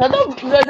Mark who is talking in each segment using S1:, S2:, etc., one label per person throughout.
S1: They don't. They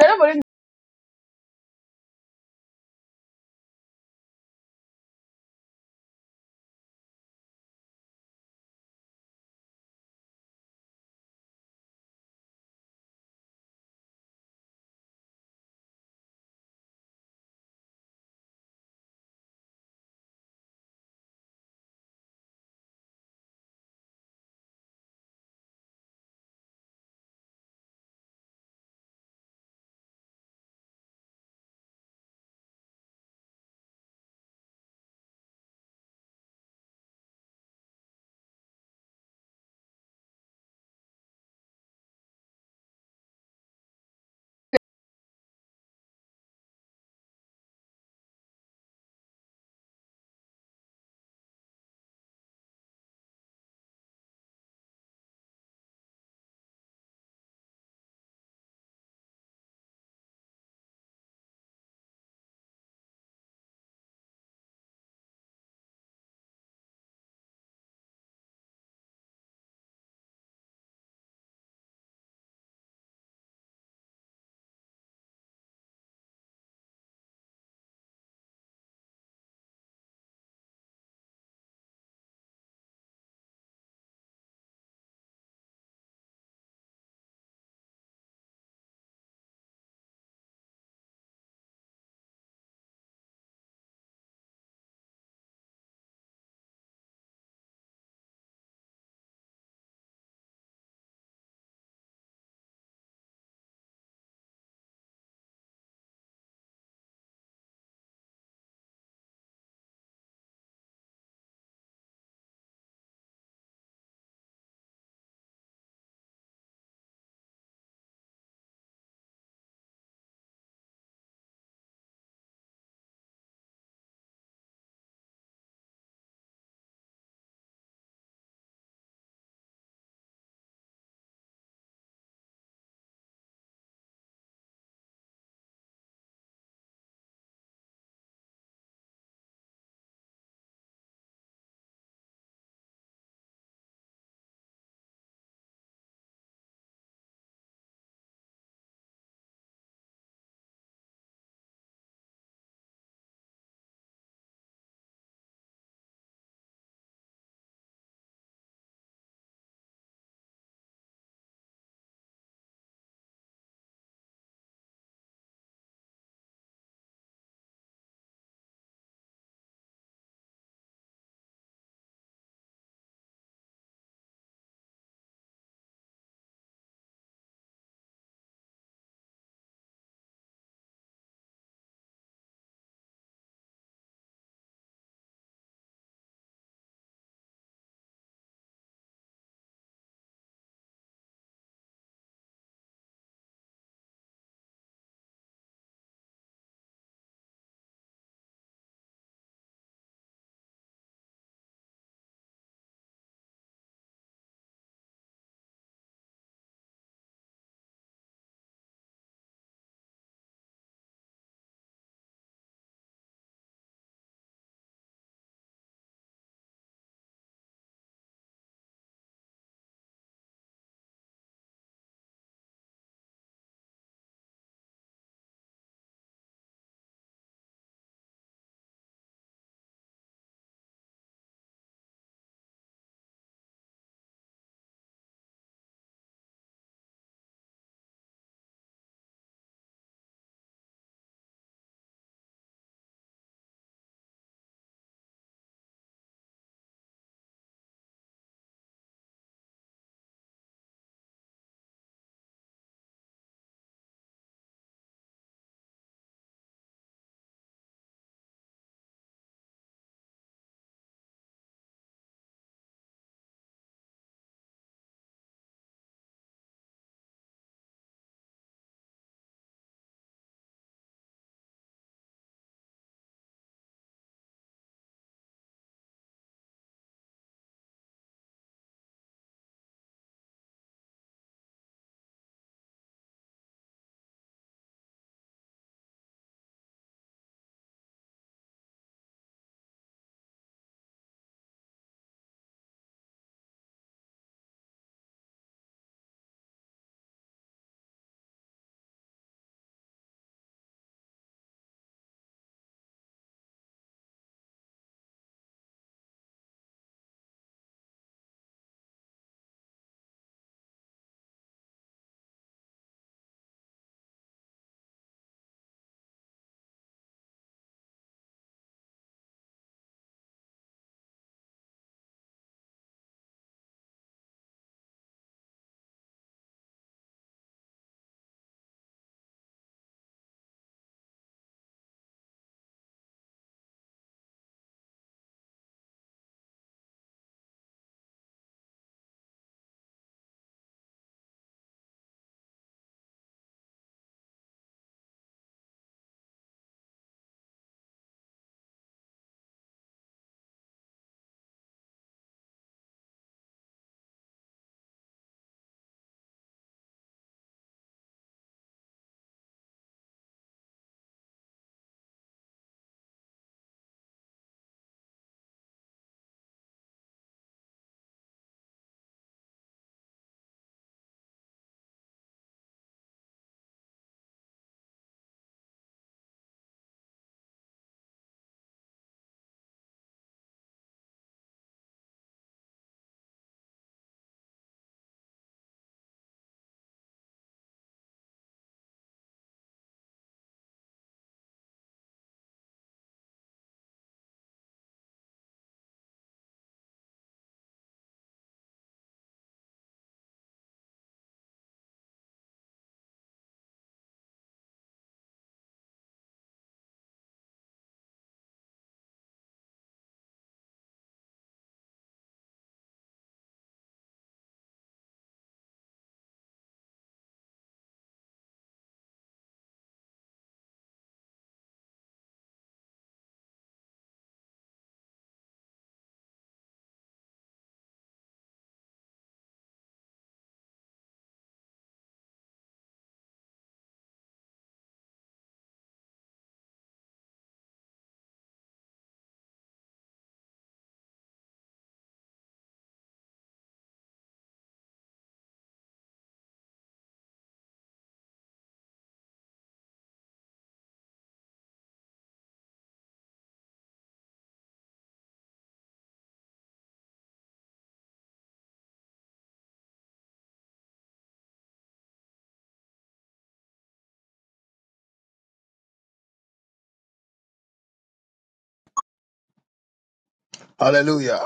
S2: Hallelujah.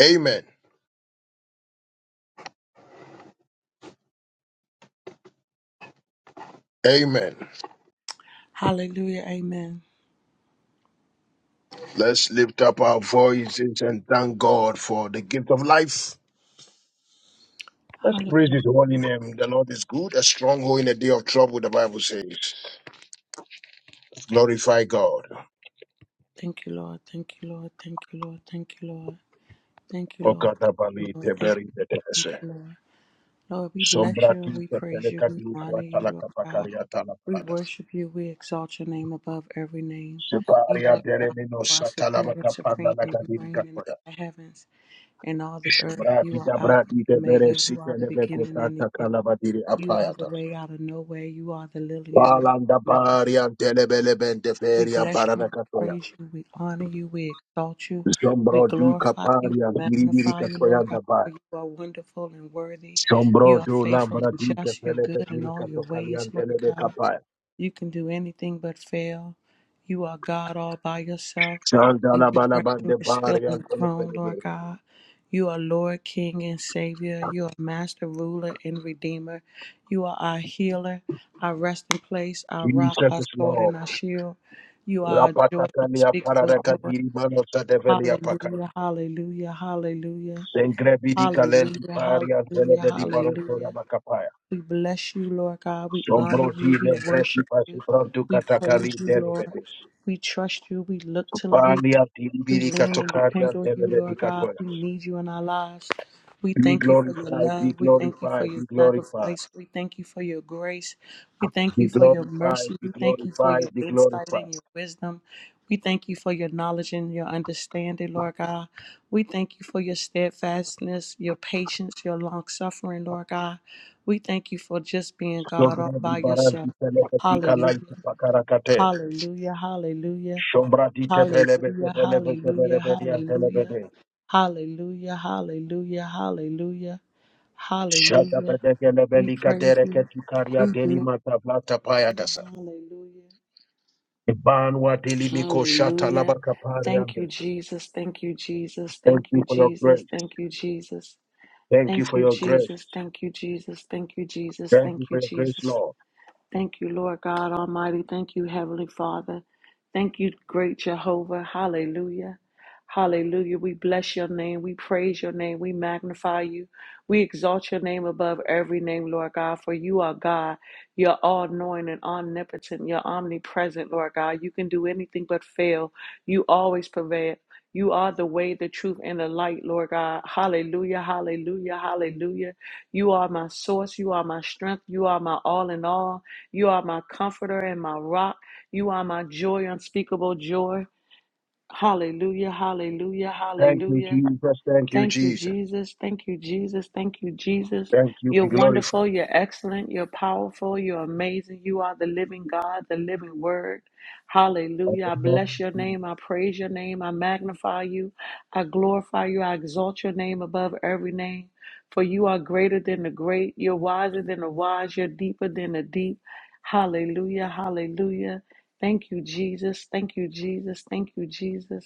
S2: Amen. Amen.
S3: Hallelujah. Amen.
S2: Let's lift up our voices and thank God for the gift of life. Let's praise
S3: Hallelujah.
S2: His holy name. The Lord is good, a stronghold in a day of trouble, the Bible says. Glorify God.
S3: Thank you, Lord. Thank you, Lord. Thank you, Lord. Thank you, Lord. Thank you, Lord. Thank you,
S2: Okatabali
S3: Lord. Thank you,
S2: teberi
S3: thank
S2: tetese.
S3: you, Lord. Lord, we bless you and
S2: Sombrati
S3: we praise you.
S2: tepeleka
S3: We honor
S2: dilukwa
S3: you, Lord
S2: talaka
S3: God.
S2: pakaria
S3: We
S2: talapada.
S3: worship you. We exalt your name above every name. You
S2: Separia
S3: are God.
S2: deremino
S3: You are superior and
S2: satalabaka panda
S3: supreme, and you
S2: lagadinka
S3: reign in
S2: koya.
S3: all the heavens and all the earth. You
S2: Shobrati
S3: are Alpha
S2: dabrati
S3: and
S2: tebere
S3: Omega. You are the
S2: sikelebeko
S3: beginning and the
S2: tata
S3: end.
S2: kalabadiri
S3: You are the
S2: apayata.
S3: way out of no way. You are the lily in the
S2: Palanda
S3: valley.
S2: baria delebele bende
S3: We
S2: feria
S3: bless you,
S2: barana
S3: we
S2: katoya.
S3: praise you, we honor you, we exalt you, we
S2: Jombro du
S3: glorify you,
S2: kaparia
S3: we
S2: biribiri
S3: magnify you,
S2: katoya
S3: Lord God, for
S2: daba.
S3: you are wonderful and worthy. You
S2: Jombro
S3: are
S2: du
S3: faithful
S2: lambra
S3: and
S2: di
S3: just, you're
S2: kepele
S3: good in
S2: biri
S3: all your ways,
S2: katokalian
S3: Lord
S2: telebe
S3: God.
S2: kapaya.
S3: You can do anything but fail. You are God all by yourself,
S2: Sanda
S3: and
S2: la
S3: you
S2: bala
S3: reign.
S2: bande
S3: You're still on
S2: baria
S3: the throne, Lord
S2: delebele.
S3: God. You are Lord, King, and Savior. You are Master, Ruler, and Redeemer. You are our healer, our resting place, our rock,
S2: Jesus
S3: our
S2: is
S3: sword,
S2: Lord.
S3: and our shield. You are our joy,
S2: Rapatakalia
S3: unspeakable
S2: paradaka
S3: joy.
S2: diri mano sadevelia paka.
S3: Hallelujah, hallelujah, hallelujah,
S2: Sengre bidi kalenti
S3: hallelujah,
S2: paria
S3: hallelujah,
S2: delebe di barotora la
S3: hallelujah.
S2: bakapaya.
S3: We bless you, Lord God. We honor
S2: Jombro
S3: you.
S2: di
S3: We
S2: lembreti
S3: worship you.
S2: pasi pronto
S3: We praise
S2: katakali
S3: you, Lord.
S2: delebe.
S3: We trust you. We look to you.
S2: Bandia
S3: We
S2: dilibirika
S3: lean and
S2: tokaria
S3: depend on you, Lord
S2: delebedika
S3: God.
S2: toya.
S3: We need you in our lives. We
S2: Be
S3: thank you for your
S2: glorified,
S3: love.
S2: be
S3: We thank you for
S2: glorified,
S3: your
S2: be glorified,
S3: sacrifice. We thank you for your grace. We thank you
S2: be
S3: for your
S2: glorified,
S3: mercy.
S2: be
S3: We thank you for
S2: glorified,
S3: your
S2: be
S3: insight
S2: glorified.
S3: and your wisdom. We thank you for your knowledge and your understanding, Lord God. We thank you for your steadfastness, your patience, your long suffering, Lord God. We thank you for just being
S2: So
S3: God all
S2: God di
S3: by yourself.
S2: barazi telebetika
S3: Hallelujah.
S2: laiti pakarakate.
S3: Hallelujah. Hallelujah.
S2: Shombra di tepelebe
S3: Hallelujah,
S2: tepelebe
S3: hallelujah,
S2: tepelebedi
S3: hallelujah,
S2: antelebede.
S3: hallelujah, hallelujah, hallelujah,
S2: Shata
S3: hallelujah. We
S2: pedekelebelika
S3: praise
S2: dereke
S3: you.
S2: tukaria
S3: We do.
S2: delimata plata dasa.
S3: Hallelujah.
S2: Banwa deli miko shata
S3: Hallelujah.
S2: labakapari
S3: Thank you,
S2: andose.
S3: Jesus. Thank you, Jesus. Thank
S2: Thank
S3: you,
S2: you for your
S3: Jesus.
S2: grace.
S3: Thank you, Jesus.
S2: Thank you
S3: Thank
S2: for
S3: you,
S2: your grace.
S3: Jesus. Thank you, Jesus. Thank you, Jesus.
S2: Thank
S3: Thank
S2: you
S3: you,
S2: for your grace,
S3: Jesus.
S2: Lord.
S3: Thank you, Lord God Almighty. Thank you, Heavenly Father. Thank you, great Jehovah. Hallelujah. Hallelujah. We bless your name. We praise your name. We magnify you. We exalt your name above every name, Lord God, for you are God. You're all knowing and omnipotent. You're omnipresent, Lord God. You can do anything but fail. You always prevail. You are the way, the truth, and the light, Lord God. Hallelujah, hallelujah, hallelujah. You are my source. You are my strength. You are my all in all. You are my comforter and my rock. You are my joy, unspeakable joy. Hallelujah, hallelujah,
S2: Thank you,
S3: hallelujah.
S2: Jesus. Thank you,
S3: Thank you,
S2: Jesus.
S3: Jesus. Thank you, Jesus. Thank you, Jesus.
S2: Thank you.
S3: You're
S2: Be glorified.
S3: wonderful. You're excellent. You're powerful. You're amazing. You are the living God, the living word.
S2: Thank
S3: Hallelujah. I bless your name. I praise your name. I magnify you. I glorify you. I exalt your name above every name. For you are greater than the great. You're wiser than the wise. You're deeper than the deep. Hallelujah. Hallelujah. Thank you, Jesus. Thank you, Jesus. Thank you, Jesus.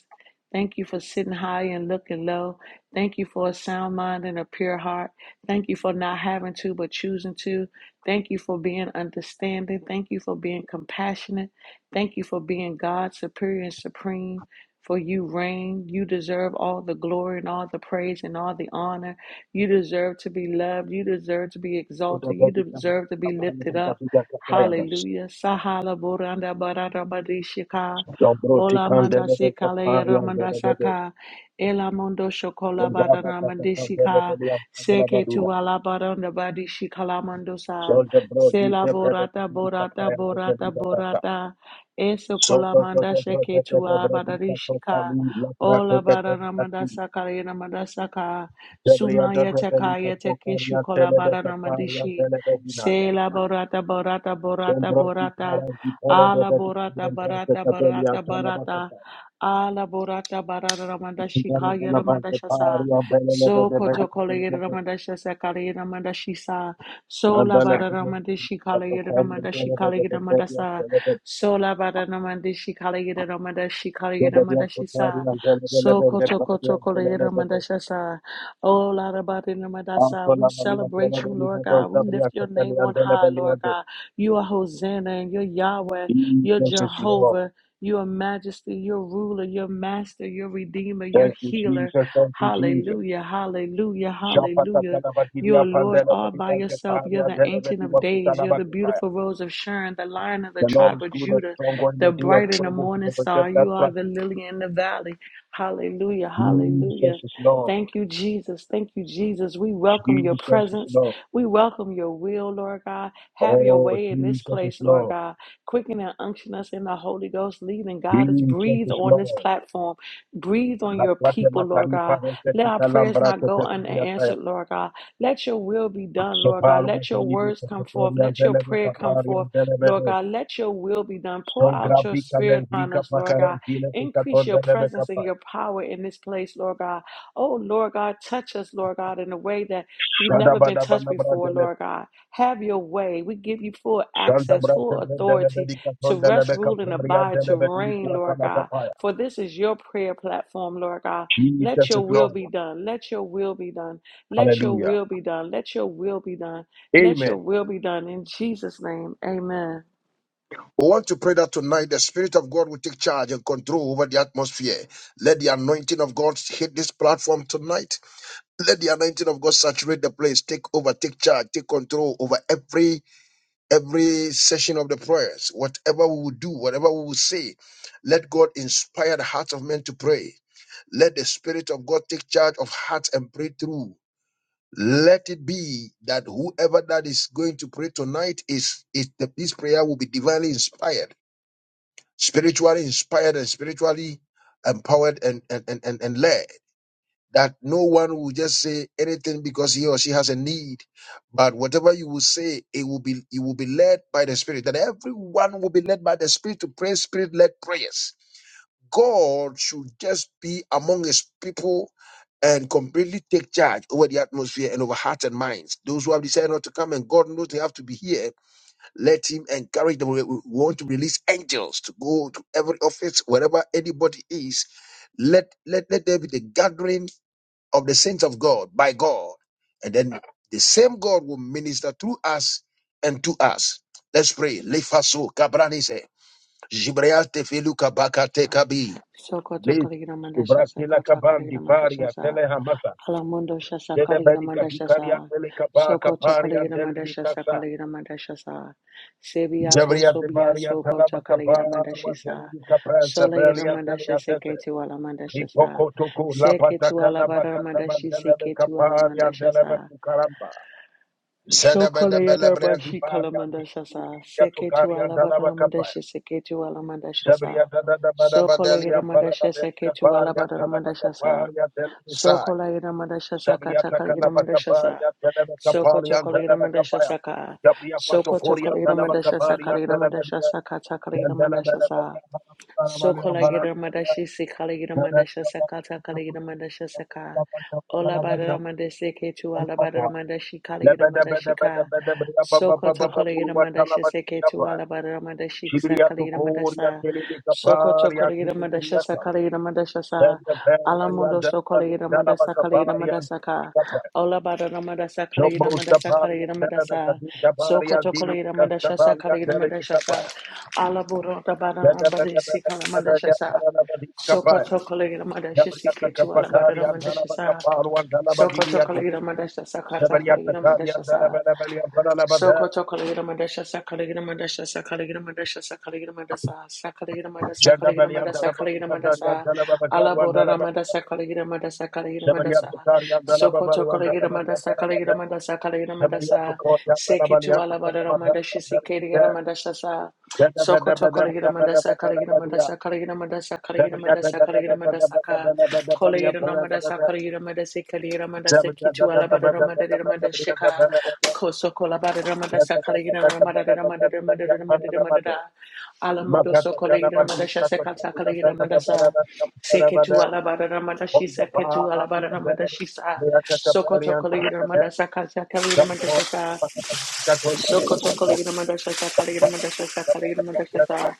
S3: Thank you for sitting high and looking low. Thank you for a sound mind and a pure heart. Thank you for not having to, but choosing to. Thank you for being understanding. Thank you for being compassionate. Thank you for being God, superior and supreme. For you reign. You deserve all the glory and all the praise and all the honor. You deserve to be loved. You deserve to be exalted. You deserve to be lifted up. Hallelujah. Sahala Boranda Barada Badishika. Ola manda se kala yera manda saka. Ela mondo shokola bara na mandisika. Seke tu ala bara na badishi kala mando sa. Sela borata
S2: you.
S3: borata borata borata. Eso kola manda seke tu ala bara rishika. Ola bara na manda saka yera manda saka. Suma yete kaya teke shukola bara na mandishi. Sela borata borata borata
S2: Jesus
S3: borata. Ala borata barata barata barata. Ala borata barata ramanda shikaya ramanda shasa. So koto kolegere ramanda shasa kalegere ramanda shisa. So la bara ramanda shikalegere ramanda shikalegere ramanda sa. So la bara ramanda shikalegere ramanda shikalegere ramanda shisa. So koto koto kolegere ramanda shasa. Oh la rabata ramanda sa. We celebrate you, Lord God. We lift your name on high, Lord God. You are Hosanna and you're Yahweh, you're
S2: is Lord.
S3: Jehovah, you're Majesty, you're Ruler, you're Master, you're Redeemer, you're
S2: Thank you,
S3: Healer.
S2: Jesus. Thank you, Jesus.
S3: Hallelujah, hallelujah,
S2: Shapata
S3: hallelujah.
S2: Pandela
S3: You're Lord all by yourself. You're the Ancient of Days. You're the
S2: Pandela
S3: beautiful Rose of Sharon, the Lion of the
S2: The Lord
S3: tribe
S2: is
S3: of
S2: good and
S3: Judah,
S2: strong in
S3: the
S2: the day of
S3: bright and the
S2: trouble. He
S3: morning
S2: never
S3: star.
S2: kept that
S3: You are the
S2: practice.
S3: lily in the valley. Hallelujah,
S2: Jesus
S3: hallelujah.
S2: is Lord.
S3: Thank you, Jesus. Thank you, Jesus. We welcome your
S2: Jesus is
S3: presence.
S2: Lord.
S3: We welcome your will, Lord God. Have your
S2: Oh,
S3: way in this
S2: Jesus is
S3: place, Lord
S2: Lord.
S3: God. Quicken and unction us in the Holy Ghost. Lead and guide us.
S2: Jesus
S3: Breathe
S2: is
S3: on this
S2: Lord.
S3: platform. Breathe on
S2: La
S3: your
S2: plate
S3: people, Lord
S2: mataripa
S3: God. Let our
S2: resetita
S3: prayers
S2: lambra
S3: not
S2: que
S3: go
S2: te diataya.
S3: unanswered, Lord God. Let your will be done, Lord God.
S2: Sopalma
S3: Let your
S2: delini
S3: words come forth.
S2: cafetorian
S3: Let your
S2: deleve
S3: prayer come forth,
S2: caparian
S3: Lord
S2: delevedes.
S3: God. Let your will be done. Pour
S2: Son
S3: out your
S2: grabica
S3: spirit on
S2: lendrica
S3: us, Lord God.
S2: pacarantile que
S3: Increase
S2: caton
S3: your
S2: deleve
S3: presence and
S2: capaya.
S3: your power in this place, Lord God. Oh, Lord God, touch us, Lord God, in a way that we've
S2: Shada
S3: never been touched
S2: badabana
S3: before,
S2: bradele.
S3: Lord God. Have your way. We give you full
S2: Shanda
S3: access,
S2: brate
S3: full
S2: bradele
S3: authority to
S2: dedicaton
S3: rest,
S2: deleve
S3: rule, and
S2: caparian
S3: abide, to
S2: deleve
S3: reign, Lord God.
S2: di
S3: For this is your prayer platform, Lord God. Let
S2: Jesus
S3: your
S2: is
S3: will
S2: Lord.
S3: be done. Let your will be done. Let your
S2: Hallelujah.
S3: will be done. Let your will be done. Let your
S2: Amen.
S3: will be done. In Jesus' name, amen.
S2: We want to pray that tonight the Spirit of God will take charge and control over the atmosphere. Let the anointing of God hit this platform tonight. Let the anointing of God saturate the place. Take over, take charge, take control over every every session of the prayers. Whatever we will do, whatever we will say, let God inspire the hearts of men to pray. Let the Spirit of God take charge of hearts and pray through. Let it be that whoever that is going to pray tonight is, is that this prayer will be divinely inspired, spiritually inspired, and spiritually empowered and, and, and, and, and led. That no one will just say anything because he or she has a need, but whatever you will say, it will be it will be led by the Spirit. That everyone will be led by the Spirit to pray Spirit-led prayers God should just be among his people and completely take charge over the atmosphere and over hearts and minds. Those who have decided not to come and God knows they have to be here, let him encourage them. We we want to release angels to go to every office, wherever anybody is. Let, let, let there be the gathering of the saints of God by God. And then the same God will minister through us and to us. Let's pray. Lefaso kabranise. Jibreate feluka bakate kabi. Liz, Subrakila Kabandi Faria, Telehamasa,
S3: Alamundo shasa kaligina
S2: Jedebedi
S3: manda
S2: Kadikaria,
S3: shasa.
S2: Telekapa,
S3: Soko to
S2: Kaparia,
S3: kaligina manda shasa
S2: Telebikasa,
S3: kaligina manda shasa. Sebia fo
S2: Jabria
S3: sobia
S2: Debaria,
S3: soko
S2: Talaba
S3: to kaligina manda
S2: Kaparwa,
S3: shisa.
S2: Telebikaprasa,
S3: Sole ira
S2: Belia,
S3: manda shese
S2: Teleatese,
S3: ala manda shasa.
S2: Ipoko Tuku,
S3: Seke tu
S2: Lapataka,
S3: ala bara manda
S2: Nabakataman,
S3: shise
S2: Delebe
S3: ala manda
S2: Kaparia, Delebe
S3: shasa.
S2: Kukaramba,
S3: So
S2: Zedebede
S3: kaligina
S2: Belebre,
S3: manda shi
S2: Antiparia,
S3: shasa.
S2: Dikia
S3: Seke tu
S2: Tukaria,
S3: ala
S2: Dalaba
S3: bara manda
S2: Kapaya.
S3: shise ala manda shasa.
S2: Sabria da da da ba da
S3: So
S2: ba
S3: kaligina
S2: delia
S3: manda
S2: para da
S3: shese
S2: delica
S3: ala
S2: paria
S3: bara
S2: tana
S3: manda
S2: ba
S3: shasa.
S2: caparia
S3: Soko la ina mandasha saka
S2: Shabria
S3: taka ina mandasha sa. Soko toko la ina mandasha saka. Soko toko la ina mandasha saka ina mandasha saka taka ina mandasha sa. Soko la ina mandashi sika la ina mandasha saka taka ina mandasha saka. Ola bara mandese ke tu ala bara mandashi kala ina mandashi Sokoto Kolegira Madasha Seke to Alabada Madashi Sakalira Madasa Sokoto Kolegira Madasha Sakalira Madasha Sa Alamondo Sokolegira Madasa Kalira Madasaka Olabada Madasa Kalira
S2: Jumbo
S3: Madasa
S2: Stapari,
S3: Kalira Madasa
S2: Debekadu Dabari, and
S3: Sokoto
S2: Dili
S3: Kolegira Madasha
S2: Castapari, and
S3: Sakalira
S2: Deliki
S3: Madasha Sa
S2: Capaya,
S3: Alaburo Dabada Badisi Kala Madasha Sa
S2: Dabadi Capaya,
S3: Sokoto Kolegira Madasha
S2: Gabriata
S3: Seke to
S2: Capacari,
S3: Alabada
S2: and
S3: Madasha
S2: Dalaba
S3: Sa
S2: Caparu, and Dalaba
S3: Sokoto
S2: Diriaco,
S3: Kolegira Madasha sa kata
S2: Sabariata
S3: Kolegira
S2: Cari,
S3: Madasha
S2: and
S3: Sa
S2: Dalabelli, and Dalabada,
S3: Sokoto Kaligina Mandasha Sakaligina Mandasha Sakaligina Mandasha Sakaligina Mandasa Sakaligina Mandasa Kaligina
S2: Jandabelli, and
S3: Mandasa
S2: Dalaba
S3: Kaligina
S2: Mikazari, and
S3: Mandasa
S2: Dalaba Bacaru, and
S3: Alabora
S2: Dalaba,
S3: Ramadasa Kaligina Mandasa Kaligina Mandasa
S2: Sabariata Cari, and Dalaba
S3: Sokoto
S2: and
S3: Kaligina
S2: Dalabadi, and
S3: Mandasa Kaligina
S2: Dalabada,
S3: Mandasa Kaligina
S2: Sabariata
S3: Mandasa
S2: Cori, and
S3: Seke
S2: Dalabali,
S3: to
S2: and
S3: Alabora
S2: Dalabada,
S3: Ramandashi Sikaligina Mandasha Sokoto Kolegina Mandasa Kaligina Mandasa Kaligina Mandasa
S2: Thank
S3: Kaligina Mandasa Kaligina Mandasaka Kolegina Mandasa Kaligina Mandasi Kaligina Mandasa Kitu Alabada Ramada Mandashika Kosoko Labada Ramadasa Kaligina Ramada Ramada Ramada Ramada Ramada Alamundo Sokolegina Mandasha Sekata Kaligina Mandasa Seketu Alabada Ramadashi Seketu Alabada Ramadashisa Sokoto Kolegina Mandasa Kaligina Mandasa Sokoto Kaligina Mandasha Sakaligina Mandasha Sakaligina Mandasha Sa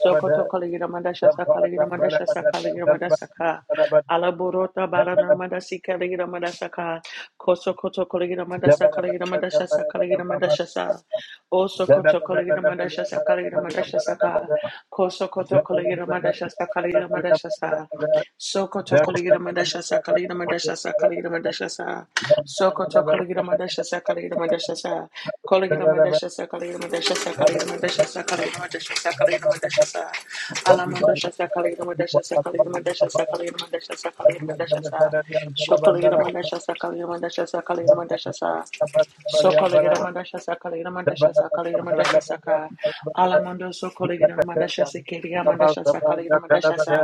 S3: Sokoto Kaligina Mandasha Sakaligina Mandasha Sakaligina Mandasha Ka Alaburota
S2: you.
S3: Barana Mandasi Kaligina Mandasha Ka Kosokoto Kaligina
S2: Thank
S3: Mandasha Kaligina Mandasha Sakaligina Mandasha Sa O Sokoto Kaligina Mandasha Sakaligina Mandasha Saka Kosokoto Kaligina Mandasha Sakaligina Mandasha Sa Sokoto Kaligida Madashasa Kaligida Madashasa Kaligida Madashasa Sokoto Kaligida Madashasa Kaligida Madashasa Kaligida Madashasa Kaligida Madashasa Kaligida Madashasa Kaligida Madashasa Kaligida Madashasa Alamandashasa Kaligida Madashasa Kaligida Madashasa Kaligida Madashasa Kaligida Madashasa Shokaligida Madashasa Kaligida Madashasa Kaligida Madashasa Sokolegira mandasha sakalegira mandasha sakalegira mandasha saka alamando sokolegira mandasha sekeria mandasha sakalegira mandasha sa
S2: you.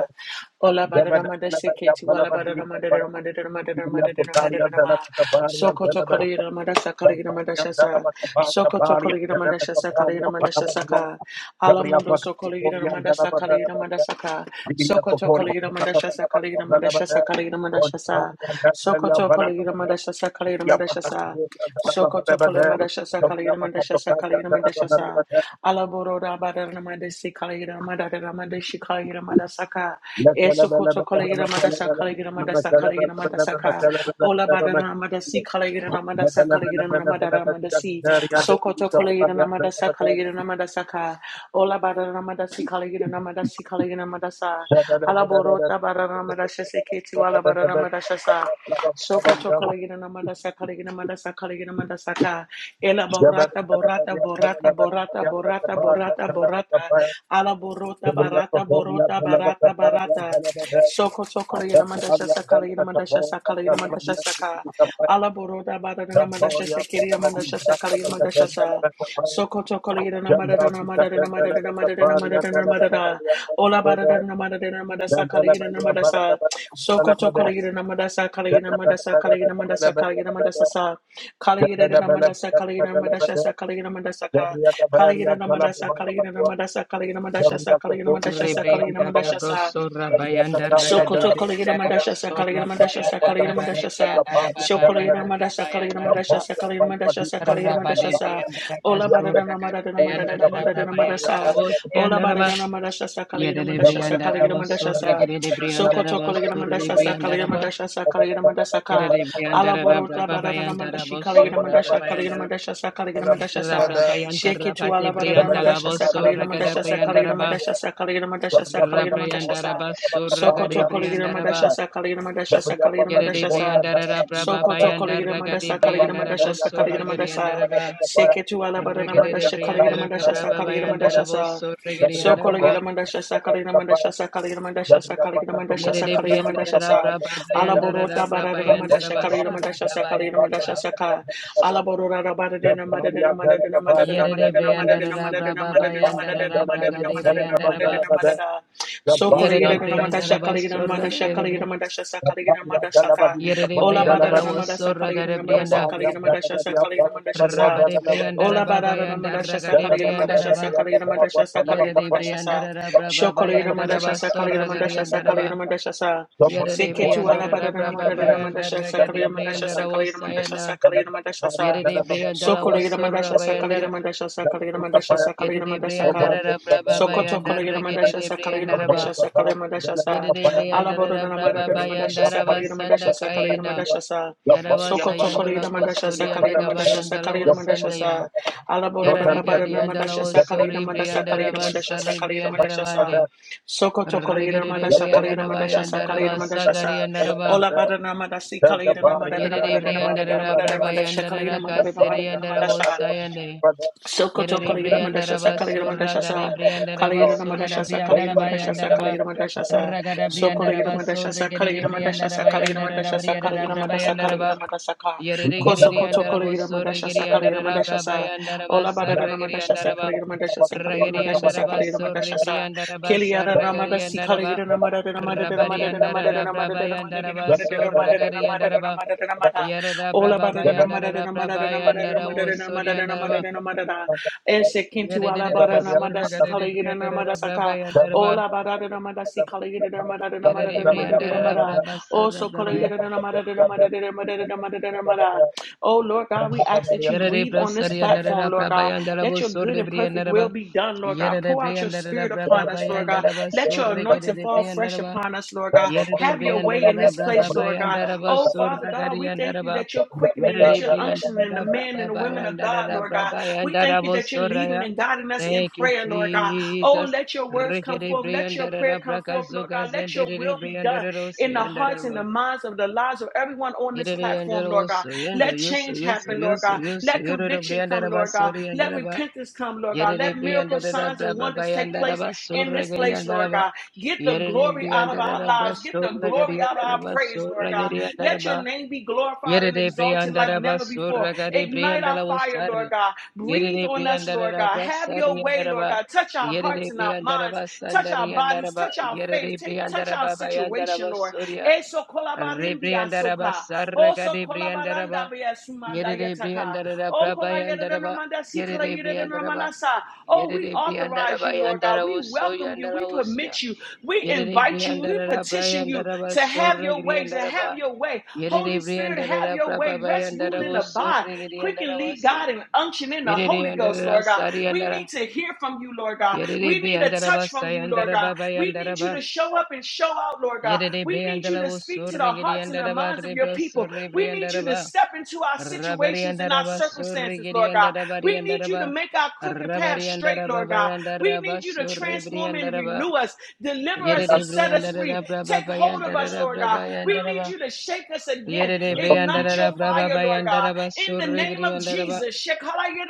S3: ola badana
S2: Jabada
S3: mandasha
S2: Kalabaya
S3: keti wala
S2: Kalabandi
S3: badana
S2: Kapaya,
S3: mandara mandara mandara
S2: Sibria
S3: mandara
S2: Kotaria,
S3: mandara ma
S2: Dalabaria,
S3: sokoto
S2: Dalabaka,
S3: kolegira mandasha sakalegira
S2: Damparia,
S3: mandasha sa
S2: Dalabaka,
S3: sokoto
S2: Daparia,
S3: kolegira mandasha
S2: Dalabakaparia,
S3: sakalegira mandasha
S2: Pakabadua,
S3: saka
S2: Jabria
S3: alamando sokolegira
S2: Pakatoria,
S3: mandasha sakalegira
S2: Dalabaka,
S3: mandasha ka
S2: Sibria
S3: sokoto
S2: Pokoria,
S3: kolegira mandasha
S2: Dalabaka,
S3: sakalegira mandasha
S2: Dalabaka,
S3: sakalegira mandasha sa
S2: Kontaria, Dalabaya,
S3: sokoto kolegira
S2: Balabaka,
S3: mandasha sakalegira
S2: Sibria
S3: mandasha sa
S2: Pakakoria,
S3: Sokoto
S2: Dalabaka,
S3: Kalamandasha
S2: Jabria
S3: Sakalina Mandasha
S2: Pakatoka,
S3: Sakalina Mandasha Sa
S2: Dalabaka,
S3: Alaboro Rabadana Mandasi Kalina Madadana Mandashi Kalina Mandasaka Esokoto Kalina Mandasa Kalina Mandasa Kalina Mandasaka Ola Badana Mandasi Kalina Mandasa Kalina Madara Mandasi Sokoto Kalina Mandasa Kalina Mandasaka Madasa, Ola Bararamadashi Kalayanamadasi Kalayanamadasa. Alaborota Bararamadasha Seketi Wala Bararamadashasa. Soko
S2: Thank
S3: Chokolayanamadasa Kalayanamadasa Kalayanamadasaka. Ela Borata Borata Borata Borata Borata Borata Borata. Alaborota Barata Borota Barata Barata. Soko soko le namanda shasa kala namanda shasa kala namanda shasa ka. Ala boroda bada namanda shasa
S2: Jamboria
S3: kiri
S2: Telema
S3: namanda
S2: di
S3: shasa
S2: Brasta
S3: kala
S2: de
S3: namanda
S2: Catendela
S3: shasa.
S2: de Capar,
S3: Soko soko le namanda
S2: Jambra di
S3: namanda namanda
S2: Catendela de
S3: namanda
S2: Capar, Yantela de
S3: namanda
S2: la
S3: namanda.
S2: Maria
S3: Ola bada
S2: Telema,
S3: namanda namanda sa kala
S2: Jambela de la
S3: namanda
S2: Bala
S3: sa.
S2: de la
S3: Soko soko le namanda sa kala namanda sa kala namanda sa kala namanda sa sa. Kala namanda sa kala namanda shasa kala namanda sa ka. Kala namanda sa kala namanda sa kala namanda shasa kala namanda shasa kala
S4: Rebrianda
S3: namanda
S4: rabroso rabayanda
S3: Sokoto Kolegina
S4: ragadebrianda
S3: Mandasha
S4: raboso
S3: Sakaligina Mandasha
S4: rabayanda
S3: Sakaligina Mandasha Sa
S4: ragadebrianda
S3: Shokoligina
S4: rababayanda
S3: Mandasha Kaligina
S4: rabayanda
S3: Mandasha
S4: raba
S3: Sakaligina Mandasha Sakaligina
S2: Bala de
S3: Mandasha
S2: Jabba
S3: Sa
S4: rabadebrianda
S2: Gabriel
S3: Ola
S4: raboso
S3: Badana Madadana
S4: ragadebrianda
S3: Madadana
S2: Tocori,
S3: Madadana
S4: rababayanda
S3: Madasa Ola
S4: raboseanda raba
S3: Badana Mandasha Sakaligina Mandasha
S4: yerebrianda
S3: Sakaligina
S4: raboso
S3: Mandasha Sa
S4: regedebrianda
S3: Sokoto Kolegina
S4: raboso
S3: Mandasha
S4: rebrianda
S3: Sakaligina
S4: raba
S3: Mandasha Sakaligina Mandasha Ka
S4: yerebrianda
S3: Ala Borota Badana
S4: rababayanda
S3: Mandashi
S4: raboso
S3: Kaligina Mandasha
S4: rababayanda
S3: Kaligina Mandasha Sakaligina Mandasha Sa
S4: rababayanda
S3: Sheke to Ala Badana
S4: rabadebrianda
S3: Mandasha
S4: raboso
S3: Sakaligina Mandasha
S4: ragadebrianda
S3: Sakaligina
S4: raba
S3: Mandasha Sakaligina Mandasha
S2: Gabriel
S3: Sakaligina Mandasha Sa
S4: Rabrayandaraba Suragade
S3: Sokoto Kolegira
S4: Briandaraba
S3: Madashasa Kaligina Madashasa Kaligina
S4: Yadade
S3: Madashasa
S4: Briandara Braba
S3: Sokoto Kolegira
S4: Bayandaragade
S3: Madasa Kaligina
S4: Briandarabo
S3: Madashasa Kaligina
S4: Suragade
S3: Madasa
S4: Andaraba
S3: Seketu Alabadana
S4: Regade
S3: Madasha Kaligina
S4: Briandara
S3: Madashasa
S4: Braba
S3: Kaligina
S4: Bayandarabo
S3: Madashasa
S4: Suragade
S3: Sokolegina
S4: Andaraba
S3: Madashasa Kaligina Madashasa Kaligina Madashasa Kaligina Madashasa
S4: Yadade
S2: Patacoria,
S3: Kaligina
S4: Briandara
S3: Madashasa
S4: Braba
S2: Gabriel
S3: Alaborota
S4: Bayandara Braba
S3: Baradana
S2: Thank
S3: Madasha
S4: Yandaraba
S3: Kaligina Madashasa Kaligina
S4: Sarabayandaraba
S3: Madashasa Ka Alaborora Baradina Madadina Madadina Madadina
S4: Yadade
S3: Madadina Madadina
S4: Briandara
S3: Madadina Madadina
S4: Braba
S3: Madadina Madadina
S4: Bayandara
S3: Madadina
S4: Bragade
S3: Madadina
S4: Briandaraba
S3: Madadina Madadina so kolegira
S4: Yadade
S3: na madasha
S4: Briandaraba
S3: kolegira na madasha kolegira na
S4: Suragade
S3: madasha sa kolegira na madasha ka. Ola bara
S4: Briandala
S3: na
S4: was
S3: madasha kolegira
S4: Suragade
S3: na madasha
S4: Brianda
S3: kolegira na madasha sa kolegira na madasha sa.
S4: Rabba de Brianda
S3: Ola
S4: Rabba
S3: bara na
S4: Bayanda
S3: madasha
S4: Raga
S3: sa
S4: de
S3: kolegira na
S4: Brianda
S3: madasha sa
S4: Rabba
S3: kolegira na madasha sa
S4: Yere
S3: kolegira na
S4: de
S3: madasha
S4: Brianda
S3: sa.
S4: Rabba
S3: So,
S4: Baba
S3: kolegira na
S4: Yanda
S3: madasha
S4: Rabba
S3: sa kolegira
S4: Sorra
S3: na madasha sa
S4: Garianda
S3: kolegira
S4: Rabba
S3: na madasha sa.
S4: Yere de
S3: Seke tu
S4: Brianda
S3: ala bara na
S4: Rabba Baba
S3: madasha na madasha sa
S4: Raga de
S3: kolegira na madasha
S4: Brianda
S3: sa
S4: Rabo
S3: kolegira na madasha
S4: Sayanda
S3: sa kolegira na madasha sa.
S4: Yere de Brianda
S3: So
S4: Rabo
S3: kolegira na
S4: Sorra
S3: madasha
S2: you.
S3: sa kolegira
S4: Bayanda
S3: na madasha sa
S2: Thank
S3: kolegira na madasha sa
S4: Yere
S3: kolegira na
S4: de
S3: madasha ka.
S4: Brianda Rabba Baba
S3: Sokoto Kolegina
S4: Raga
S3: Mandasha
S4: de
S3: Sakalina
S4: Brianda
S3: Mandasha
S4: Rabba
S3: Sakalina Mandasha Sa
S4: Yere de Brianda
S3: Alabora
S4: Rabba
S3: Namadana
S4: Baba
S3: Mandasha
S4: Rabba
S3: Sakalina
S4: Sanda
S3: Mandasha Sakalina
S4: Kayenda
S3: Mandasha Sa
S4: Yaraba
S3: Sokoto
S4: Sayandola
S3: Kolegina Mandasha
S4: Kosuri and
S3: Sakalina Mandasha
S4: Gabayandala
S3: Sakalina
S4: was
S3: Mandasha
S4: Sandaya
S3: Sa Alabora
S4: Yaragadi
S3: Namadana
S4: and
S3: Mandasha Sakalina
S4: Alawosori
S3: Mandasha Sakalina
S4: Briandaraba
S3: Mandasha
S4: Sari
S3: Sakalina Mandasha Sa
S4: Briandarabande.
S3: Sokoto Kolegina
S4: Regede
S3: Mandasha Kalina
S4: Briandarabaya
S3: Mandasha
S4: and
S3: Sakalina
S4: Araba
S3: Mandasha
S4: Sagari
S3: Sa
S4: and Araba.
S3: Ola Badana Mandasi Kalina Mandadana
S4: Yere
S3: Mandadana Mandadana Mandadana
S4: Briandarabaya
S3: Mandasha
S4: and
S3: Kalina
S4: Araka
S3: Mandadana
S4: Seri
S3: Mandadana
S4: and
S3: madasha.
S4: Arawosayande.
S3: Sokoto
S4: Yere
S3: Kalegira Madashasa
S4: Briandaraba
S3: Kalegira
S4: Sura Gade
S3: Madashasa
S4: Briandaraba
S3: Kalegira
S2: you.
S4: Sugada
S3: Madashasa Kalegira
S4: Briandarabaya and
S3: Madashasa
S4: Araba.
S3: Kalegira Madashasa
S4: Ragada
S3: Sokolegira
S4: Briandaraba Sori
S3: Madashasa Kalegira
S4: Gede
S3: Madashasa
S4: Briandarabaya and
S3: Kalegira
S4: Araba
S3: Madashasa
S4: Yarada
S3: Kalegira Madasa Kalegira
S4: Brabayandaraba.
S3: Madasaka
S4: Yerigiri and
S3: Kosokoto
S4: Arabo
S3: Kalegira
S4: Sorigiri
S3: Madashasa
S4: and
S3: Kalegira
S4: Arabra by
S3: Madashasa
S4: and
S3: Ola
S4: Arabas
S3: Badana
S4: Saragiri and
S3: Madashasa
S4: Araba
S3: Kalegira Madashasa Kalegira
S4: Ragiri and
S3: Madashasa
S4: Arabas
S3: Kalegira
S4: Soribri
S3: Madashasa
S4: and Arabas
S3: Keliara
S4: Saragiri
S3: Ramadasi
S4: and Araba
S3: Kalegira Namadana Madana
S4: Rabari and
S3: Madana Madana Madana
S4: Arabra by
S3: Madana
S4: and
S3: Madana
S4: Arabas
S3: Madana Madana
S4: Soragiri and
S3: Madana
S4: Araba
S3: Madana Madana
S4: Yarada
S3: Ola
S4: Braba by
S3: barada na
S4: and
S3: marada na
S4: Arabra
S3: marada
S4: by
S3: na
S4: and
S3: marada na
S4: Arabo
S3: marada na
S4: Sori
S3: marada
S4: and
S3: na
S4: Araba
S3: marada na marada.
S2: Thank
S3: Eshe kintu ala
S4: Yeridika
S3: barada na marada si kala
S4: Soragiri and
S3: na marada
S4: Arabra by
S3: saka.
S4: and Araba
S3: Ola barada na marada si kala na marada na marada na
S4: Yeridibri and
S3: marada na marada.
S4: Arabra
S3: Oso kala
S4: Basarabra
S3: na marada na marada na marada na marada na marada. Oh, Lord God, we ask that you
S4: Yerere
S3: breathe on this
S4: brasari andarara
S3: platform, Lord
S4: braba
S3: God.
S4: yandara
S3: Let
S4: bo
S3: your good
S4: sorre
S3: and
S4: bri
S3: perfect
S4: andara ba.
S3: will be done, Lord God.
S4: Yerere
S3: Pour
S4: bri
S3: out your
S4: andarara
S3: spirit
S4: braba
S3: upon
S4: ba
S3: us, Lord God.
S4: yandara ba
S3: Let your
S4: sorre
S3: anointing
S4: gerere
S3: fall
S4: bri
S3: fresh
S4: andara ba.
S3: upon us, Lord God.
S4: Yerere
S3: Have
S4: bri
S3: your way in
S4: andarara
S3: this
S4: braba
S3: place,
S4: ba
S3: Lord God.
S4: yandara ba
S3: Oh,
S2: you.
S3: Father
S4: sorra
S3: God,
S4: gari
S3: we thank
S4: andara
S3: you
S4: ba.
S3: that you're quickening, that
S4: Yerere
S3: you're
S4: bri
S3: unctioning the
S4: andarara
S3: men and
S4: braba
S3: the
S4: ba
S3: women of God,
S4: yandara
S3: Lord God.
S4: braba
S3: We thank
S4: yandara
S3: you
S4: bo
S3: that you're leading and guiding us in
S4: Thank you,
S3: prayer, Lord God. Oh,
S4: Jesus.
S3: let your words come
S4: Rekere
S3: forth.
S4: bri
S3: Let your prayer
S4: andarara
S3: come
S4: braka
S3: forth, Lord
S4: zoka
S3: God. Let your
S4: zendere
S3: will
S4: bri
S3: be done
S4: andara ro
S3: in
S4: se
S3: the hearts
S4: andara
S3: and
S4: ba.
S3: the minds of the lives of everyone on this
S4: Gerere
S3: platform,
S4: yandere
S3: Lord God.
S4: woso yende
S3: Let
S4: yoso
S3: change
S4: yoso
S3: happen, Lord
S4: yoso
S3: God.
S4: yoso
S3: Let
S4: yororo
S3: conviction
S4: briandara
S3: come, Lord God.
S4: basori
S3: Let
S4: yandara ba
S3: repentance come, Lord God.
S4: yerere
S3: Let miracle
S4: briandara da
S3: signs
S4: bra
S3: and
S4: ba ba
S3: wonders take
S4: yandara
S3: place
S4: ba
S3: in
S4: sorra
S3: this
S4: geri
S3: place,
S4: yandara
S3: Lord
S4: ba
S3: God. Get the
S4: yerere
S3: glory out of
S4: briandara
S3: our
S4: da bra
S3: lives. Get the
S4: sorra
S3: glory
S4: geri
S3: out of
S4: yandara
S3: our
S4: ba
S3: praise, Lord
S4: sorra
S3: God.
S4: geri yandara
S3: Let
S4: ba
S3: your name be glorified and
S4: yerere
S3: exalted like
S4: briandara ba
S3: never before.
S4: sorra geri
S3: Ignite our
S4: briandara
S3: fire, Lord
S4: wosarre
S3: God. Breathe
S4: yerere
S3: on us,
S4: briandara
S3: Lord God.
S4: bra
S3: Have
S4: sarri
S3: your way,
S4: yandara
S3: Lord
S4: ba
S3: God. Touch our hearts
S4: yerere
S3: and our
S4: briandara
S3: minds.
S4: ba
S3: Touch our
S4: sandari
S3: bodies.
S4: yandara ba
S3: Touch our faith.
S4: yerere
S3: Ta- touch
S4: briandara
S3: our
S4: ba ba yandara
S3: situation, Lord. Eso kolabarindia
S4: Rebriandaraba
S3: soka.
S4: Saraka de
S3: Ola
S4: Briandaraba
S3: baranda bia sumanda
S4: Yere
S3: yetaka.
S4: Briandara Braba
S3: Okola
S4: Yandaraba
S3: yedenomanda
S4: Yere
S3: sikala
S4: Briandaraba
S3: yedenomandasa. Oh,
S4: Yere
S3: we authorize
S4: Briandaraba
S3: you, Lord God. We
S4: Yandaravuso
S3: welcome you. We
S4: Yandaravusia
S3: permit you. We
S4: Yere
S3: invite you. We
S4: Briandara
S3: petition you
S4: Briandaraba
S3: to have
S4: Sora
S3: your ways and have
S4: Griandaraba
S3: your way.
S4: Yere
S3: Holy Spirit, have
S4: Briandara
S3: your
S4: Braba
S3: way. Rest, rule, and
S4: Yandaravuso
S3: abide. Quicken, lead,
S4: Rigriandaravasi
S3: God, and unction in the
S4: Yere
S3: Holy Ghost,
S4: Andara
S3: Lord God. We
S4: Sariandara
S3: need to hear from you, Lord God.
S4: Yere
S3: We need a
S4: Briandaraba
S3: touch from you, Lord God. We need you
S4: Sayandaraba
S3: to show up and show out, Lord God.
S4: Yere
S3: We need you
S4: briandala
S3: to
S4: was
S3: speak to the
S4: sorry giri
S3: hearts
S4: and
S3: and the
S4: araba
S3: minds of your
S4: rebro
S3: people.
S4: sorry
S3: We need you to
S4: briandaraba
S3: step into our
S4: rabari and
S3: situations and our
S4: araba sorry
S3: circumstances,
S4: giri
S3: Lord
S4: and
S3: God.
S4: arabari
S3: We
S4: and
S3: need you to
S4: araba
S3: make our crooked path
S4: rabari and
S3: straight,
S4: araba
S3: Lord
S4: by
S3: God.
S4: and
S3: We
S4: araba
S3: need you to
S4: sorry
S3: transform and
S4: briandaraba
S3: renew us, deliver
S4: yere
S3: us and set us
S4: briandara
S3: free.
S4: braba
S3: Take
S4: by
S3: hold
S4: and
S3: of us, Lord
S4: araba
S3: God.
S4: by and
S3: We need
S4: araba
S3: you to shake us again.
S4: yere
S5: Father, thank
S3: Ignite your
S4: briandara braba
S3: fire,
S4: by
S3: Lord
S4: and
S3: God.
S4: araba
S3: In the
S4: sorry
S5: you,
S3: name of
S4: giri
S3: Jesus.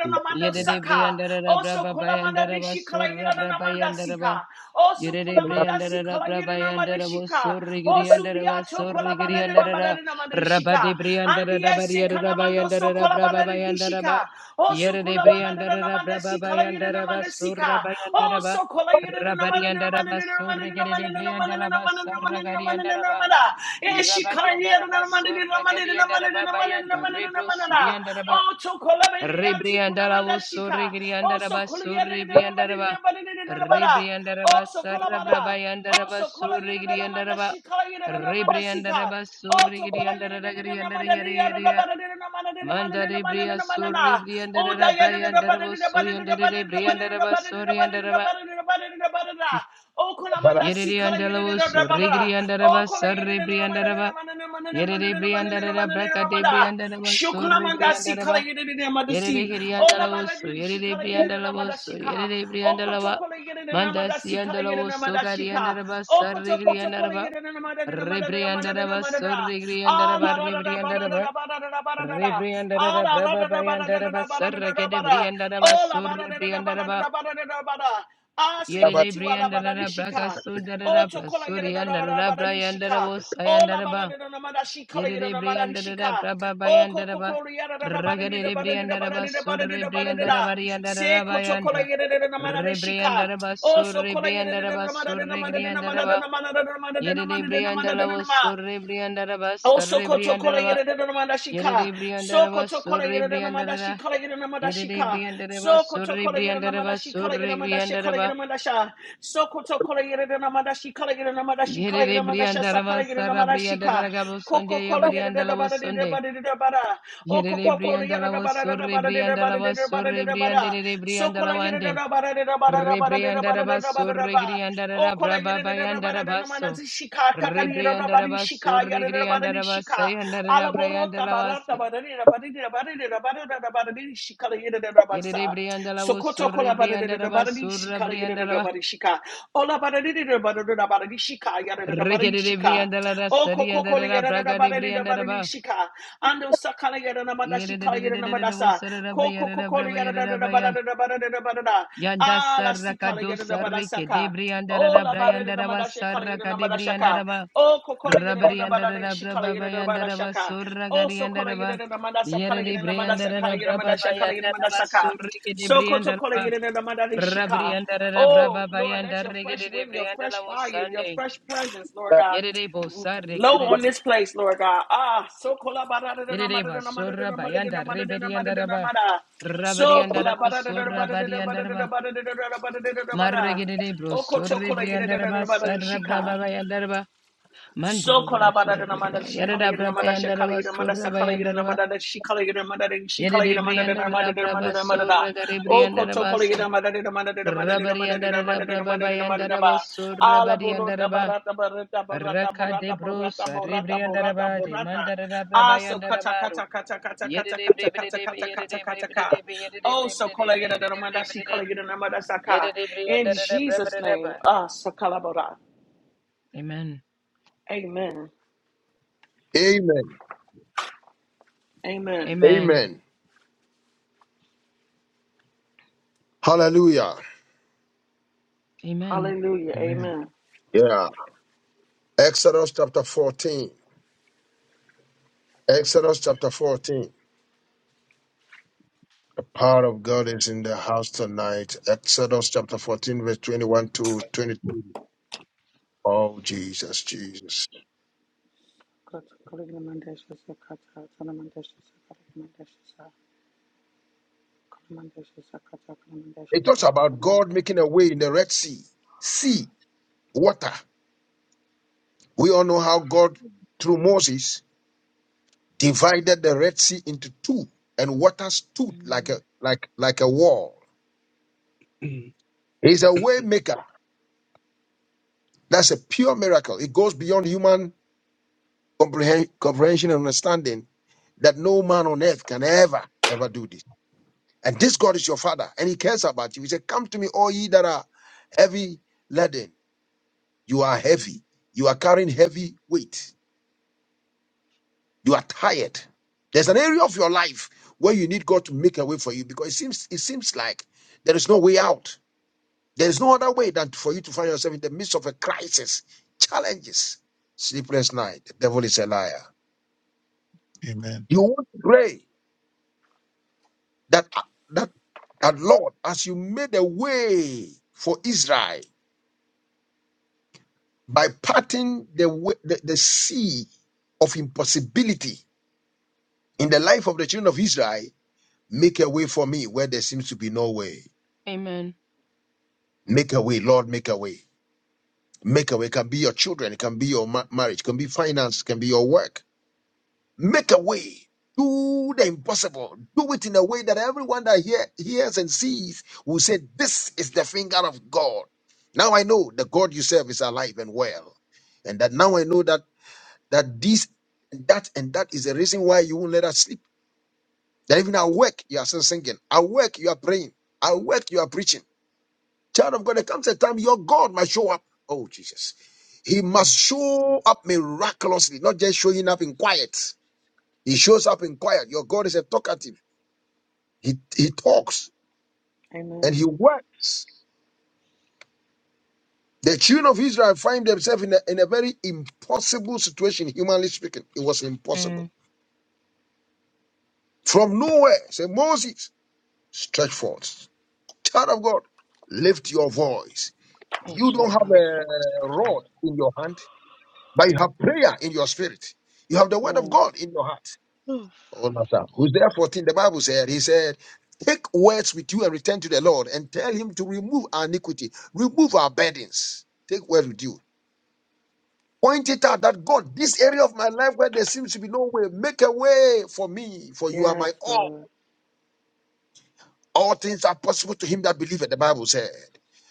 S5: Jesus, man.
S4: Yedede Briandara
S3: Also
S4: Braba Bayandaraba Surra Brabayandaraba
S3: Also
S4: Yedede
S3: si
S4: Briandara Brabayandara Surri
S3: Also
S4: Giriandaraba Surri Giriandara Rabadi
S3: shika.
S4: Briandara
S3: Andi esse
S4: Bariada
S3: kanamando so
S4: Bayandara Braba
S3: kolabada di
S4: Bayandaraba
S3: shika. O su
S4: Yedede
S3: kulamana de
S4: Briandara
S3: namande
S4: Braba
S3: si kala yede
S4: Bayandaraba
S3: namande sika.
S4: Surra
S3: O
S4: Bayandaraba
S3: so kola yede namande namande
S4: Rabariandaraba
S3: namande
S4: Surri Gede
S3: namande namande
S4: Briandalaba
S3: namande
S4: Sarra
S3: namande namande
S4: Gariandaraba
S3: namanda. E shi kala yede
S4: Rabadiandaraba
S3: namande
S4: Surra
S3: namande namande
S4: Gadiandaraba
S3: namande
S4: Bayandara
S3: namande
S4: Rebro
S3: namanda.
S4: Siriandaraba
S3: O to kolabede ya tu
S4: Rebriandara
S3: kunamanda
S4: was so
S3: shika. O so
S4: regriandaraba
S3: kola
S4: so
S3: yede namande
S4: rebriandaraba
S3: namande namande namanda. O
S4: Rebriandaraba
S3: so kolabada. Oh,
S4: Sarabrabayandaraba
S3: so
S4: so
S3: kola yere de ramada
S4: regriandaraba
S3: shi kola yere de ramada si ka.
S4: Rebriandaraba so
S3: Oh, to kola yere de de ramada de yere de
S4: regriandaragriandaraya
S3: ramada de ramada de ramada de
S4: Manda
S3: ramada de
S4: rebria
S3: ramada
S4: so
S3: na. Oh, da
S4: rebriandara
S3: yere de ramada
S4: briandarabo
S3: de
S4: so
S3: ramada de ramada de
S4: yandarebriandaraba
S3: ramada de
S4: so
S3: ramada de
S4: riandaraba
S3: ramada de ramada de ramada de ramada na. Oh, kola manda
S2: Amen.
S3: si kola yere de
S4: Yeriandalavo so
S3: ramada. Oh,
S4: regriandaraba
S3: kola
S4: sar
S3: yere de ramada de
S4: rebriandaraba
S3: ramada de ramada de ramada de ramada de
S4: Yeriandara
S3: ramada de
S4: braca
S3: ramada.
S4: debriandaraba so
S3: Shuklamanda si
S4: regriandaraba.
S3: kala yere de namada
S4: Yerere
S3: si. Ola bada
S4: Kiriandalawoso,
S3: di shi
S4: Yerere
S3: kala yere de namada
S4: Briandalawoso,
S3: shika.
S4: Yerere
S3: Oko
S4: Briandalava,
S3: toko le yere de
S4: Mandas
S3: namada si kala yere de
S4: Yandalawoso,
S3: namada shika.
S4: Kariandaraba,
S3: Oko toko toko le
S4: Sarigriandaraba,
S3: yere de namada de namada de namada de
S4: Rebriandaraba,
S3: namada da.
S4: Sorigriandaraba,
S3: Ala ra da da ba da da
S4: Rebriandaraba,
S3: da ba da da da ba da da
S4: Rebriandaraba,
S3: Ala ra
S4: Braba
S3: da da da da da
S4: Bayandaraba,
S3: da da da da
S4: Sarakade Briandaraba,
S3: Ola ba da da da da da da
S4: Surrebriandaraba,
S3: Arabada.
S4: Yerere
S3: Aseketi
S4: Briandaraba, Braka
S3: alabadarishika. Oto
S4: Sundarabra,
S3: kola
S4: Suriandarabra,
S3: yedadabadarishika.
S4: Yandarabo,
S3: Ola
S4: Sayandaraba,
S3: badadadamadashika
S4: Yedede briandada
S3: yedadamadashika.
S4: braba
S3: Oko
S4: bayandaraba.
S3: kokolo
S4: Ragade briandaraba surre
S3: yedadabadadabadadabadadabadadabadadabadadada.
S4: briandaraba
S3: Se
S4: riandaraba
S3: koto kola
S4: yanda.
S3: yedadamadashika.
S4: Rebriandaraba
S3: Oso
S4: surre
S3: kola
S4: briandaraba surre griandaraba. Yedede briandalavo
S3: yedadamadadadamadadadamadadadamadadadamadadadamadadadamadadadadama.
S4: surre briandaraba
S3: Oh,
S4: surre
S3: soko tokola
S4: briandalava.
S3: yere de namanda shika.
S4: Yedede
S3: Soko
S4: briandaraba
S3: tokola
S4: surre
S3: yere de namanda
S4: briandaraba.
S3: shikala yere namanda
S4: Yedede
S3: shika.
S4: briandaraba
S3: Soko
S4: surre
S3: tokola yere namanda
S4: briandaraba
S3: shikala yere
S4: surre
S3: namanda shikala yere
S4: griandaraba.
S3: namanda sha. Soko tokola yere de namanda shikala yere namanda shikala yere
S4: Yedede
S3: namanda sha
S4: briandaraba
S3: sakala yere
S4: sarra
S3: namanda shika.
S4: briandaraba sonde
S3: Koko kola yere de da
S4: yabariandalavo
S3: bada de da
S4: Sunday.
S3: bada de da bada. Alaborota
S4: Yerebriandala
S3: barata
S4: was so
S3: barata barata barata
S4: rebriandala
S3: barata
S4: was so rebriandala wande. Rebriandara basso regriandara braba bayandara basso. Rebriandara basso regriandara basayandara brayandala wasi.
S3: barata barata barata
S4: Yerebriandala was
S3: Sokoto
S4: so
S3: kola bada da da da
S4: rebriandala
S3: di
S4: basso
S3: shika ya da da da
S4: rebriandala.
S3: shika. Ola bada di di da bada da da bada di shika ya da da da di shika.
S4: Regedebriandala
S3: O koko kola ya
S4: rasariandara
S3: da da da
S4: braga
S3: di da
S4: debriandara
S3: bada
S4: ba.
S3: shika. Ando sakala ya da na mada shika ya da na mada
S4: Yerebriandala was
S3: sa.
S4: so
S3: Koko kola ya da da da da bada
S4: rebriandala
S3: da da bada da da bada da.
S4: Yanda
S3: Ala
S4: saraka
S3: sikala ya
S4: do
S3: da da bada
S4: sarike debri
S3: Oh,
S4: andarara
S3: la ba de de nama
S4: brayandaraba
S3: da she kala yede
S4: saraka
S3: nama da
S4: debri
S3: shaka.
S4: andaraba
S3: Oh, kokola yede de
S4: rabari
S3: nama da de
S4: andarara
S3: she kala yede
S4: brababa
S3: de nama da
S4: yandaraba
S3: shaka.
S4: surra
S3: Oh,
S4: gari
S3: so kola yede
S4: andaraba
S3: de nama da sa kala
S4: yerere
S3: yede
S4: bre
S3: nama da sa kala
S4: andarara
S3: yede nama da
S4: brababa
S3: sha kala yede nama da
S4: yandaraba
S3: saka.
S4: surrike
S3: So
S4: debri
S3: koto kola
S4: andaraba
S3: yede de nama da de
S4: rabri
S3: shika.
S4: andarara
S3: Oh,
S4: brababa
S3: Lord, let your
S4: yandarike
S3: fresh wind,
S4: debri
S3: your fresh
S4: andaraba
S3: fire, your
S4: sande
S3: fresh presence, Lord God.
S4: yerere bo
S3: Blow
S4: sarika de
S3: on this place, Lord God. Ah, so
S4: yerere
S3: kolabadadadamada.
S4: ba surra bayanda rebri andaraba rabari
S3: So
S4: andaraba surra bari andaraba
S3: kolabadadadabadadadabadadadabadadadabadadadabadadadabada.
S4: Marregede bro, sorre briandaraba,
S3: Okotokolayadadadadabadadishika.
S4: sarrabraba bayandaraba,
S3: So
S4: mandero
S3: kolabada
S4: bratsura
S3: na kolabadadamada,
S4: dobraba,
S3: she
S4: yarada braba
S3: kalayadamada, she
S4: yandaraba, sorra bayandaraba,
S3: kalayadamada, she kalayadamada, she
S4: yedede
S3: na
S4: briandaraba, braba,
S3: she da.
S4: sorra gare
S3: Oh, koto
S4: briandaraba, so,
S3: kolayadamada, damada, damada,
S4: rabari
S3: damada,
S4: yandaraba,
S3: damada,
S4: braba
S3: damada, damada, ba.
S4: bayandaraba, sorra
S3: Ala
S4: bari
S3: borota
S4: yandaraba,
S3: barata barata borata
S4: raka de
S3: borata
S4: bro,
S3: borata
S4: sarre
S3: borata borata
S4: briandaraba, de
S3: borata.
S4: mandaraba,
S3: Ah,
S4: braba
S3: so kata
S4: yandaraba, ro,
S3: kata kata kata kata
S4: yedede
S3: kata
S4: brebede,
S3: kata kata kata
S4: yedede
S3: kata
S4: brebede,
S3: ka.
S4: yedede
S3: Oh, so
S4: brebede,
S3: kalayira na
S4: yedede
S3: kolayadamada, she
S4: brebede,
S3: kalayadamada, saka.
S4: yedede
S3: In
S4: briandaraba, braba,
S3: Jesus'
S4: braba.
S3: name, ah, so kalabora.
S4: Amen.
S3: Amen. Amen.
S4: Amen.
S2: Amen. Hallelujah.
S4: Amen.
S3: Hallelujah.
S5: Amen.
S3: Amen.
S2: Yeah. Exodus chapter 14. Exodus chapter 14. The power of God is in the house tonight. Exodus chapter 14, verse 21 to 22. Oh, Jesus, Jesus.
S3: Kata- kaligna mandasha sakata, tana mandasha sakata, kaligna mandasha sa- kaligna mandasha sakata, kaligna mandasha
S2: It talks
S3: sakata,
S2: about
S3: kaligna
S2: God
S3: mandasha.
S2: making a way in the Red Sea. Sea, water. We all know how God, through Moses, divided the Red Sea into two, and water stood like
S4: Mm,
S2: a like like a wall. He's a way maker. That's a pure miracle. It goes beyond human comprehen- comprehension and understanding that no man on earth can ever ever do this. And this God is your Father, and He cares about you. He said, "Come to me, all ye that are heavy laden. You are heavy. You are carrying heavy weight. You are tired. There's an area of your life where you need God to make a way for you because it seems it seems like there is no way out." There is no other way than for you to find yourself in the midst of a crisis, challenges, sleepless night. The devil is a liar.
S5: Amen.
S2: You want to pray that that that Lord, as you made a way for Israel by parting the way, the, the sea of impossibility in the life of the children of Israel, make a way for me where there seems to be no way.
S4: Amen.
S2: Make a way, Lord, make a way. Make a way. It can be your children, it can be your ma- marriage, it can be finance, it can be your work Make a way. Do the impossible. Do it in a way that everyone that hear, hears and sees will say, This is the finger of God. Now I know the God you serve is alive and well. And that now I know that that this and that and that is the reason why you won't let us sleep. That even at work, you are still singing. At work, you are praying. At work, you are preaching. Child of God, there comes a time your God must show up. Oh, Jesus. He must show up miraculously, not just showing up in quiet. He shows up in quiet. Your God is a talkative. He, he talks and
S3: Amen.
S2: he works. The children of Israel find themselves in a, in a very impossible situation, humanly speaking. It was impossible.
S4: mm.
S2: From nowhere, say, Moses, stretch forth. Child of God, lift your voice.
S3: Oh,
S2: You
S4: In
S2: don't
S4: the
S2: have
S4: name
S3: shaka,
S2: a
S3: sakata.
S4: of Jesus.
S2: rod in your hand, but you have prayer in your spirit. You have the word of
S3: Yes.
S2: God in your heart.
S4: Oof.
S2: Oh, no, sir. Hosea 14, the Bible said, He said, Take words with you and return to the Lord and tell Him to remove our iniquity, remove our burdens. Take words with you. Point it out that God, this area of my life where there seems to be no way, make a way for me, for you are my
S3: Yes,
S2: all.
S3: Lord.
S2: All things are possible to him that believeth, the Bible said.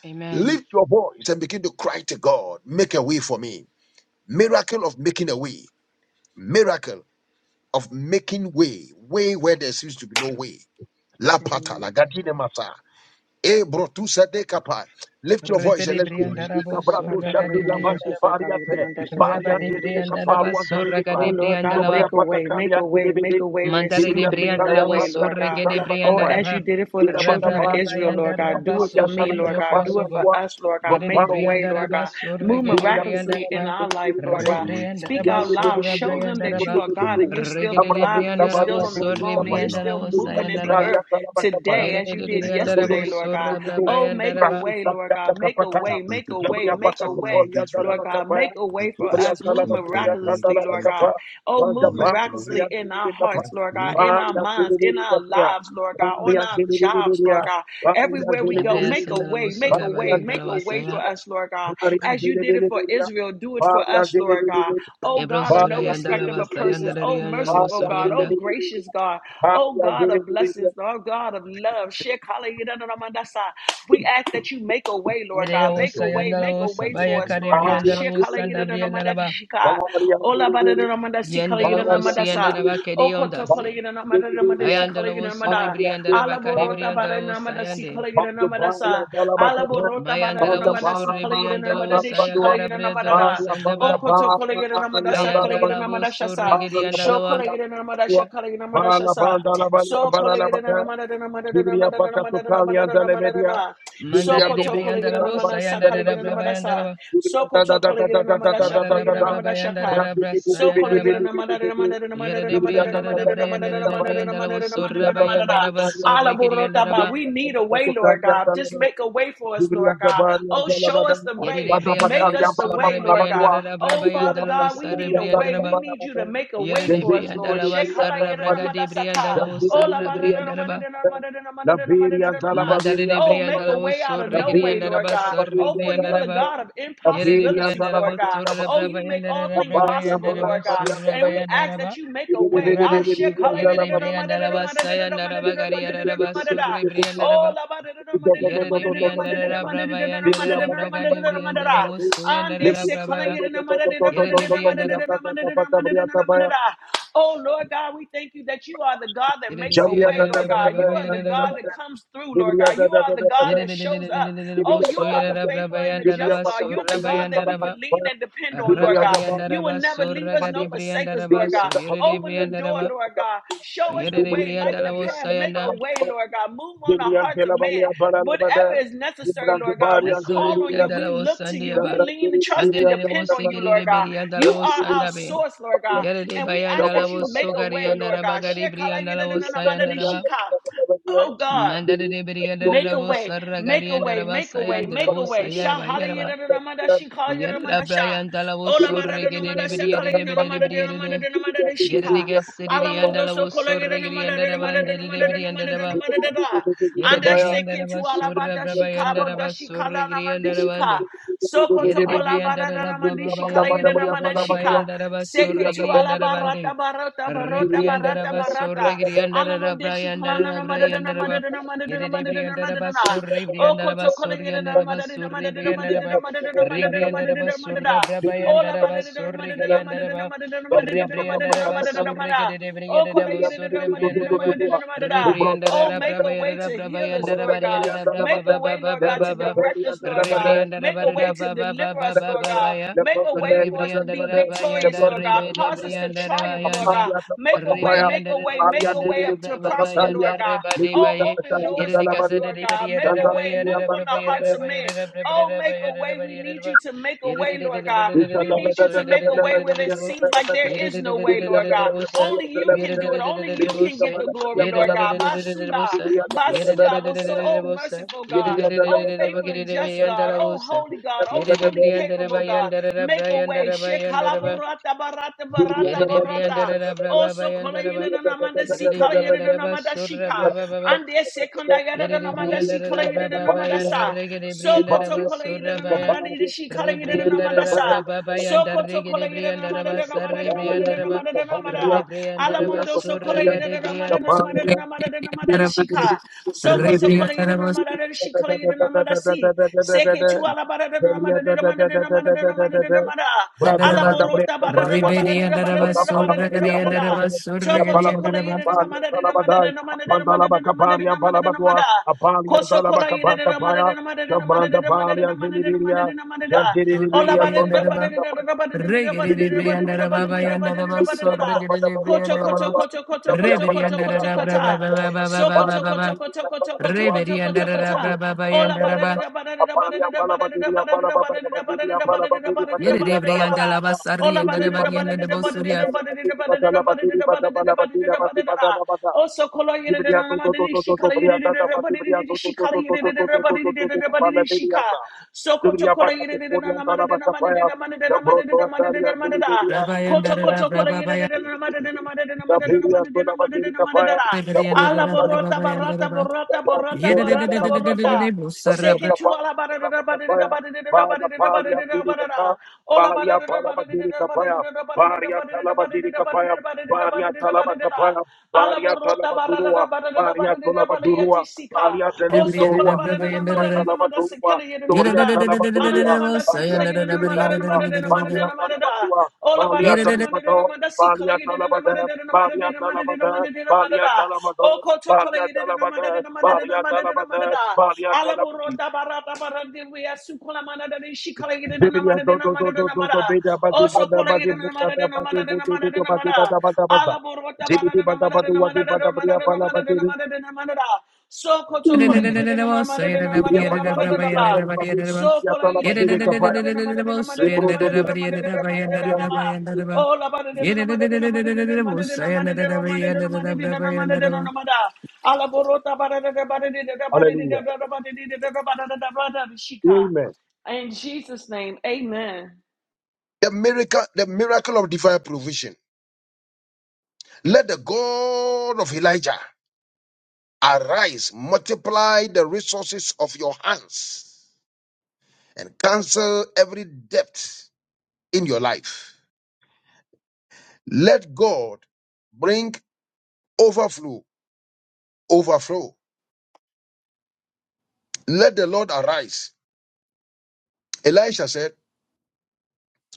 S4: Amen.
S2: Lift your voice and begin to cry to God, make a way for me. Miracle of making a way, miracle of making way, way where there seems to be no way. La pata, la
S3: Amen.
S2: gadine masa. E brotusa de kapai. Lift your voice and
S4: Repere
S2: let's go.
S5: Amen.
S2: Ikabrato
S3: Sakata
S4: soraka de
S2: shanti
S3: kaligna mandasha
S2: lavanti
S4: briandaraba
S3: sakaligna
S2: pariate.
S3: mandasha
S4: raba de
S3: sakaligna
S2: Bariante livi
S3: mandasha sa.
S4: briandaraba
S2: kaparu
S4: soraka
S3: Oh
S2: antalivika.
S4: de
S3: Lord God,
S4: briandaraba
S2: Sobria
S3: make a way,
S2: patakali
S3: make a way, make
S2: antilividi.
S3: a way where it
S4: mandare de
S3: seems
S2: Dibria
S3: to be
S2: tetale
S3: no
S4: briandarabo
S3: way,
S2: ambanda
S3: Lord God.
S4: sorreke de
S2: patitala
S3: Oh,
S2: batapai.
S3: as you
S4: briandaraba
S3: did it for the
S2: Ida bada
S3: children
S4: rabra
S3: of
S2: bari
S3: Israel,
S2: kapai.
S3: Lord God, do it
S2: Apari
S4: so
S3: for
S4: shall
S3: me,
S2: antala
S4: you
S2: de
S3: Lord
S4: do for
S3: God,
S2: kapari
S4: us,
S3: do
S4: O
S3: it for
S4: God.
S2: antua.
S3: us, Lord God.
S4: Gere
S3: Make
S4: de
S3: a
S2: Vapari
S3: way, Lord
S2: antilividi.
S4: briandaraba
S3: God. Move
S4: sorreke de
S2: Dibria
S3: miraculously in
S4: briandaraba
S3: our life,
S2: tetale
S3: Lord
S5: Thank you,
S3: God.
S5: Lord, for
S3: Speak
S5: your
S2: Thank
S4: rebriandaraba
S3: out
S5: love.
S3: loud.
S4: sorra
S3: Show them
S5: Thank
S3: that
S5: you
S4: briandaraba
S3: you
S5: for
S3: are
S5: the
S3: God
S5: love,
S3: and you're still on
S4: regere
S3: the
S4: de
S3: live and you're
S4: briandarabo
S3: still
S5: Thank
S3: on the
S5: you, Lord,
S4: sorre
S5: for
S3: throne and
S5: your
S3: you're
S5: love
S3: still still
S5: in my
S3: moving in the
S4: briandarabo
S5: career.
S3: earth today as you did
S5: Thank you,
S3: yesterday,
S5: where.
S3: Lord God. Oh, make a way, Lord God. Make a way,
S5: Thank
S3: make
S5: you
S3: a way,
S5: for the
S3: make a
S5: children
S3: way,
S5: of Israel.
S3: Lord God. Make a
S5: Like
S3: way for
S5: verse
S3: us. Move
S5: 14, 21 to
S3: miraculously, Lord God.
S5: 22.
S3: Oh, move
S5: Make a way
S3: miraculously in our
S5: in
S3: hearts,
S5: the
S3: Lord God,
S5: name of
S3: in our
S5: Jesus.
S3: minds, in our lives, Lord God, on our
S5: Better than
S3: jobs, Lord God.
S5: better.
S3: Everywhere we go, make a way, make a way, make a way for
S4: Yerererereyandarabusurabrabayandaraba.
S3: us, Lord God. As you did it for Israel will do it for us, Lord God.
S2: you.
S3: Oh
S4: Ebreasandarabusogabayandarabasaya.
S3: God, of
S2: Bala
S3: no respect of a persons. Oh merciful God.
S4: Ebrosurayandarabasayandarariyandarabusuriyanda.
S3: Oh gracious God. Oh God of blessings. Oh God of love. We ask that you make a way, Lord God.
S5: Make
S3: Make
S5: a
S3: a
S5: way
S3: way. Make a
S5: in
S3: way
S5: the
S3: for
S5: name
S3: us,
S5: of
S3: Lord God.
S5: Jesus. Better
S4: Yererereosayandarabosabayakaribriyandarabosandabriyandalaba.
S3: Shekalayidanamandashika. Olabadadanamandasikalayidanamandasa.
S4: Yendalaosiyandarabakeriyondase.
S3: Okotokolayidanamadadamandashikalayidamada. Alaborota baranamada si
S4: Bayandalaosoribriyandarabakariybriyandalabosayande.
S3: kalegira namada sa. Alaborota baranamada si kalegira namada de shi kalegira namada da.
S4: Bayandalaosoribriyandalabosayakarabriyandalabosandaba.
S3: Okoto kalegira namada sa kalegira namada shasa. Sho
S4: Ayandalabosoregeriyandalawa.
S3: kalegira namada sha kalegira namada shasa.
S2: banda la bala
S3: So
S2: bala la
S3: kalegira
S2: bala
S3: namada da namada da
S2: Jibria
S3: namada da
S2: Pasha
S3: namada da
S2: Sokali
S3: namada
S2: and
S3: da namada da
S2: Dalemedia,
S3: da. So
S4: Mandare
S2: Jibria
S4: de
S3: koto
S2: Toko
S4: brianda
S2: and
S3: kalegira
S4: la wosa
S3: namada
S2: Dalabadia
S3: sa
S4: yanda da da
S3: kalegira
S2: Dalemedia,
S4: braba
S3: namada
S4: yanda la
S3: sa.
S4: ba.
S3: So
S2: Jibria da da
S3: koto
S2: da
S3: kalegira
S2: da da da da
S3: namada
S2: da
S3: sha
S2: da
S4: Manda
S2: da
S4: da
S2: da
S3: kalegira
S2: da,
S4: braba ba
S3: namada
S4: yanda da
S3: shaka.
S4: da
S2: Bradu Bibi
S4: brasa
S3: So
S2: Bibi
S4: yanda da ba.
S2: Bibi Bibi Bibi,
S3: Alaborotaba,
S4: Yada de
S2: Jibria da
S4: brianda da
S2: da
S4: da
S2: da da da da
S4: brianda da
S2: da
S4: da
S2: da,
S4: brianda la woso
S2: Jibria
S4: raba
S2: da da da
S4: yanda da
S2: da da
S4: ba
S2: da,
S4: so rekiri yanda da ba.
S3: we
S2: Jibria
S3: need a way,
S2: da da
S3: Lord
S2: da da
S3: God.
S2: da
S3: Just
S2: da da,
S3: make a way for us,
S2: Jibria
S3: Lord
S2: da
S3: God.
S2: Bari and
S3: Oh, show
S2: Dalabada,
S3: us the
S4: Yada
S3: way.
S4: de
S2: Bada
S4: brianda la
S3: Make
S2: Batari
S3: us
S2: and
S3: the
S4: woso
S3: way, Lord
S4: rebrianda
S3: God.
S2: Barabatua,
S4: da da
S3: Oh,
S4: braba
S2: Jibria
S3: Father
S2: Pasha
S3: God, we
S2: Sokali
S3: need a
S2: and
S3: way. We
S2: Dalabada,
S3: need you to make a way
S2: then
S4: de
S3: for
S2: Jibria
S3: us,
S4: brianda
S3: Lord.
S4: la
S2: Jibria
S3: Shek
S2: Jibria
S4: wasa
S2: Jibria
S4: de brianda
S3: halayeramadasaka.
S4: la
S2: the
S4: wosa
S3: Oh,
S2: Beria Zalabada, the
S4: Mandare
S2: Beria Zalababeria
S4: de
S3: make
S4: brianda la
S2: Zalabada,
S3: a way out
S4: woso
S3: of
S2: the
S3: no
S4: rekiri
S2: Beria
S3: way,
S4: yanda da
S3: Lord
S4: ba
S3: God.
S4: so
S3: Oh,
S2: Zalababeria
S3: for you're the
S2: Zalabada,
S3: God of
S2: the
S4: de
S2: Beria
S3: impossibilities,
S4: brianda la
S3: Lord
S2: Zalabaton
S3: God.
S4: woso
S3: Oh,
S2: Dabari,
S4: rabraba
S3: you make
S4: yanda da
S3: all
S2: the
S3: things
S2: Baria
S3: possible, Lord God.
S4: so
S2: Baraspadia
S3: And we
S2: Barabada,
S3: ask that you make a
S2: the
S3: way.
S2: Beri
S3: Ah,
S4: Rabari
S2: Beri
S4: yere de brianda raba sayanda raba gari yara raba sorre brianda raba yere de brianda raba
S3: Oh, Oh
S4: braba yanda raba braga de brianda raba wosso yanda raba braba ya yere de brianda raba
S3: Lord God, we thank you that you are the God that
S4: yere de
S3: makes a
S4: brianda
S3: way,
S4: raba
S3: Lord God. You are the
S4: yere
S3: God
S4: raba
S3: that comes through, Lord
S2: Beri
S3: God. You are the God
S2: Zalabada,
S4: yere
S3: that
S4: de de de
S3: shows
S4: de de
S3: up.
S4: de de de de
S3: Oh,
S2: Jibria
S3: you
S4: wosso
S3: are
S4: yere
S3: the
S2: Bakataka,
S4: raba
S3: faithful
S4: braba
S3: and the
S4: yanda
S2: Jibria
S3: just
S4: raba
S3: God. You're
S2: Bakato
S4: sorra
S3: the
S4: ba
S2: Korean
S3: God that
S4: yanda
S3: we can
S4: raba
S3: lean
S2: Sarapaya,
S3: and depend on, Lord
S2: Jibria
S3: God.
S4: rabari yanda
S2: Dabaya,
S3: You will
S4: raba
S3: never leave
S4: sorra
S3: us us,
S4: ga
S3: no
S4: de
S3: forsake
S4: brianda
S3: us,
S4: raba
S3: Lord
S2: Jibria
S4: so
S3: God.
S4: yere de
S2: Dabaya,
S3: Open the
S4: brianda
S3: door,
S4: raba
S3: Lord God. Show us
S4: yere
S3: the
S4: de
S2: Jibria
S3: way, light
S4: brianda
S3: the
S4: raba
S3: path,
S4: wosso
S3: make a way,
S2: Dabaya,
S3: Lord God. Move on the
S2: Jibria
S3: hearts of man.
S2: Helabaya
S3: Whatever
S2: Baralabada,
S3: is necessary,
S2: Jibria
S3: Lord God, we
S2: Baria
S3: call on
S2: Zeliria,
S3: you.
S4: brianda
S3: We
S4: raba
S3: look to you. We
S2: Jabra
S3: lean and trust and
S2: Zeliria
S4: Mandere wo
S3: depend on you,
S2: Sarapaya,
S3: Lord
S4: sekere
S3: God.
S4: beri
S3: You
S4: andala wo
S3: are
S2: Jibria
S3: our
S4: sandabe.
S3: source, Lord God.
S4: Yere de
S3: And we ask
S4: bayandala
S3: that
S4: wo
S3: you make a
S4: sogari
S3: way,
S2: Dabaya,
S3: Lord
S4: andala
S3: God.
S4: bagari bri andala wo
S2: Jibria
S4: sayandala
S2: Dabaya,
S4: ba.
S3: Oh
S2: Jibria
S3: God.
S4: Mandere de beri
S3: Make
S4: andala
S3: a
S4: wo
S3: way, make a
S4: saragari
S3: way,
S4: andala ba
S3: make a way,
S4: sayandala
S3: make a
S4: wo
S3: way.
S4: sayara
S3: Sha
S4: ba yara ba.
S3: hallelujah,
S2: Dabaya,
S3: she call you
S4: Yere da
S3: sha.
S4: brayandala wo
S3: Ola
S2: Gabriel,
S3: bara da
S4: sorregede de
S3: namada sa
S4: beri
S3: kala
S4: yere
S3: you
S4: de beri de
S3: namada
S4: beri
S3: de
S4: yere
S3: namada
S4: de.
S3: de namada de
S4: Yere de
S3: shika.
S4: gasiri de
S3: Alamondo
S4: andala
S3: so
S4: wo
S3: kala you
S4: sorregiri
S3: namada de
S4: andala ba
S3: namada de
S4: andere de
S3: namada de
S4: beri
S3: namada
S4: andala
S3: de
S4: ba.
S3: namada de da.
S4: Yere de
S3: Anda
S4: beri
S3: second
S4: andala
S3: to
S4: ba surra
S3: alabada shika about
S4: brabayandala
S3: da
S4: ba
S3: shika la
S4: sorregiri
S3: namandi
S4: andala ba ande.
S3: shika. Soko to
S4: Yere de
S3: kola
S4: brianda
S3: bara
S4: da
S3: da
S4: da
S3: namandi
S4: braba
S3: shika you
S4: bayanda da da
S3: namada
S4: braba
S3: shika.
S4: bayanda da ba
S3: Second
S4: sorri
S3: to
S4: giri yanda da bande.
S3: alabarata barata barota barata
S4: Rebriandaraba
S3: barata.
S4: sorregriandaraba
S3: Alamonde
S4: briandaraba
S3: de la
S4: briandaraba Yerebriandaraba sorrebriandaraba sorriandaraba sorrebriandaraba Rebriandaraba sorrabrabayandaraba sorregriandaraba
S2: toca
S4: Rebriandaraba
S2: para Thank
S4: sorregrebriandaraba sorrebriandaraba
S3: Oh,
S4: Rebriandaraba
S3: make a way
S4: brabayandaraba
S3: to heal us,
S4: brabayandaraba
S3: Lord God.
S4: yandaraba
S3: Make a way, Lord God, to
S4: babababababa
S3: direct us, Lord God. Make a way
S4: Rebriandaraba
S3: to deliver us, Lord God.
S4: babababababaya
S3: Make a way for us to be
S4: Rebriandaraba yanda
S3: victorious, Lord God. Cause us to
S4: rebedebriandaraba
S3: triumph, Lord
S4: yanda
S3: God. Make a way, make
S4: Rebrianda
S3: a way, make a
S4: rebrianda
S3: way up to
S4: braba
S3: prosperity prosper, Lord
S4: bayanda
S3: God.
S4: rebadi
S3: Oh,
S4: baye
S3: open
S4: yere
S3: doors
S4: de
S3: for us,
S4: casa de
S3: Lord
S4: ribadi
S3: God.
S4: yere
S3: Make
S4: de
S3: a
S4: baye
S3: way,
S4: yere
S3: move
S4: de
S3: on the
S4: braba yere
S2: you.
S3: hearts
S4: de
S3: of
S4: baye
S3: men.
S4: yere de
S3: Oh,
S4: braba
S3: make a
S4: yere de
S3: way.
S4: baye
S3: We
S4: yere de
S3: need you to make
S4: baye
S3: a way, Lord
S4: yere de baye
S3: God.
S4: yere de de de de de de de
S2: Thank
S4: de
S3: We
S4: de bo
S3: need you
S4: so
S3: to
S4: yere de
S3: make a
S4: de de
S3: way where it seems like there is no way, Lord God.
S4: sa
S3: Only you
S4: yere
S3: can
S4: de
S3: do it. Only you can get the glory, Lord God. Basuba,
S4: se yere de
S3: basuba, so oh
S4: sa
S3: merciful
S4: yere
S3: God.
S4: de sa yere de de de
S3: Oh, faithful and just God.
S4: la bo
S3: Oh,
S4: sa
S3: holy God. Oh,
S4: yere
S3: fully
S4: brianda
S3: capable God.
S4: bayanda la
S3: Make a
S4: bayanda
S3: way.
S4: la
S3: Shekala barata barata barata
S4: Yedede
S3: barata.
S4: briandara da
S3: Oh,
S4: braba
S3: so kola
S4: bayandara
S3: yada
S4: ba.
S3: na namanda si
S4: Yedede
S3: kala yada na
S4: briandara ba
S3: namanda
S4: surra
S3: shika.
S4: braba baba.
S3: Ande sekunda yada na
S4: Yedede
S3: namanda si
S4: briandara
S3: kala
S4: da
S3: yada na
S4: braba
S3: namanda
S4: bayandara
S3: sa.
S4: regede
S3: So
S4: briandara
S3: koto
S4: ba
S3: kola yada
S4: surra
S3: na
S4: baya.
S3: namanda yada shi kala yada na
S4: Rebriandara
S3: namanda
S4: da
S3: sa.
S4: braba
S2: you.
S4: bayandara
S3: Sokoto
S4: regede
S3: kolegere na
S4: briandara
S3: mada
S4: ba
S3: de na mada
S4: sarre
S3: de na mada de
S4: briandara
S3: na
S4: ba.
S3: mada de na mada.
S4: Rebriandara ba
S3: Alamundo so
S4: surra
S3: kolegere na mada de na mada de na mada de na mada de shika. Sokoto kolegere na mada de shika kolegere na mada si. Seke tu ala bara de na mada de na mada de na mada de na mada de na mada. Alaborota bara de na bara de na bara de na bara de na
S4: gade
S3: bara da. Toko toko
S4: briandara.
S3: kolegere na mada de na mada de na mada de na mada de na mada de na mada de na mada. Kosho kola yere de na mare de na mare de na mare
S2: Shabranda
S3: de na mare de
S2: Palia
S3: na mare de na mare
S2: Zilibiria,
S3: de na mare da.
S2: Shantiri
S3: Ola
S2: Libiria,
S3: bare de da
S4: Surrigiriyandaraba.
S3: bare de
S2: Tonda
S3: da da bare de de da bare
S2: Thank
S3: de da bare de da
S4: Rigiriribriyandaraba
S3: bare de da bare de
S4: bayandaraba.
S3: da bare de da. Koto
S4: Surrigiriribriyandaraba.
S3: koto koto koto koto koto koto
S4: Ribiriyandarabra ba ba
S3: kota.
S4: ba ba ba ba
S3: So
S4: ba
S3: koto
S4: ba ba.
S3: koto koto koto koto koto koto
S4: Ribiriyandarabra
S3: kota.
S4: ba
S3: Ola ba da
S4: bayandaraba.
S3: da da ba da da da ba da da da ba da da da ba da da da ba da da da ba da da da ba da da da ba da da da ba da da da ba da.
S4: Yeribriyandaraba
S3: Ola ba da da
S4: sarriyandaraba
S3: da ba da da da
S4: diyandaraba
S3: ba da da
S4: surya.
S3: da ba da da da ba da da da ba da da da ba da da da ba da da da ba da da da. Oso kolo yere de na na ma de di shi kala yere de de de ba de de de de shi kala yere de de de ba de de de de ba de de shi ka. Soko to
S2: Zubria
S3: kolo
S2: Bata
S3: yere de de na
S2: Porian
S3: na ma de de na ma de de
S2: Talabasapaya,
S3: na ma de de na
S2: the
S3: ma de de na
S2: Broto
S3: ma de de
S2: Atalia
S3: na ma de da.
S2: Zulibia, the
S3: Koto koto
S4: Rabayandarabra
S3: kolo
S4: ba
S3: yere de
S4: bayan.
S3: Ala
S5: than better. Better than
S2: Brasilia Zona Mazirika Paya, the Brutus
S4: Ribiriyandarabra ba
S3: borota barata
S4: bayandaraba.
S3: borota borota
S2: Balia
S3: borota borota.
S4: Yeribriyandarabra sarrabra.
S3: Seke tu ala barata barata barata barata barata barata. Ola barata barata barata barata barata barata barata barata barata. barata. Ala borota barata barata barata barata yeti sika. Oso kola
S4: Ribiriyandarabra
S3: barata manda
S4: bayandaraba.
S3: manda sekele yedi manda.
S4: Yeribriyandarabra
S3: Ananamanda si kalagida na
S4: sayandaraba
S3: manda na manda na manda na
S4: diyandaraba.
S3: manda da. Ola bada na manda na manda si kalagida na manda
S2: Dalabada,
S3: na manda
S2: Balia
S3: na manda na
S2: Dalabada,
S3: manda na manda da. O koto
S2: Balia
S3: kalagida na
S2: Dalabada,
S3: manda na manda na
S2: Maria
S3: manda na manda
S2: Dalabada,
S3: da.
S2: Maria
S3: Ala
S2: Dalabachi.
S3: burota barata barandi we asu kola manda da si kalagida na
S2: Biblia
S3: manda
S2: do
S3: na
S2: do
S3: manda
S2: do
S3: na manda.
S2: beda bade
S3: Oso
S2: bada bade
S3: kalagida na
S2: buka
S3: manda
S2: da
S3: na
S2: bade
S3: manda na
S2: bude
S3: manda
S2: do do
S3: na manda.
S2: bada bada.
S3: Ala burota
S2: Zibidi
S3: so
S2: bada bada wadi bada bria bala bade
S4: Mm.
S2: Biblia bada bade biblia sala bade biblia sala bade kapaya. Jibro do do biblia sala
S3: Oh, la ba de de na ma de de na ma de de na ma de de na ma de de na ma de de na ma de de na ma de de na ma da. Ala borota ba de de de ba de de de de ba de de de
S2: Hallelujah.
S3: de ba de de de de ba de de de ba de de shika.
S2: Amen.
S3: In Jesus' name, amen.
S2: The miracle, the miracle of divine provision. Let the God of Elijah arise, multiply the resources of your hands. and cancel every debt in your life. Let God bring overflow, overflow. Let the Lord arise. Elisha said,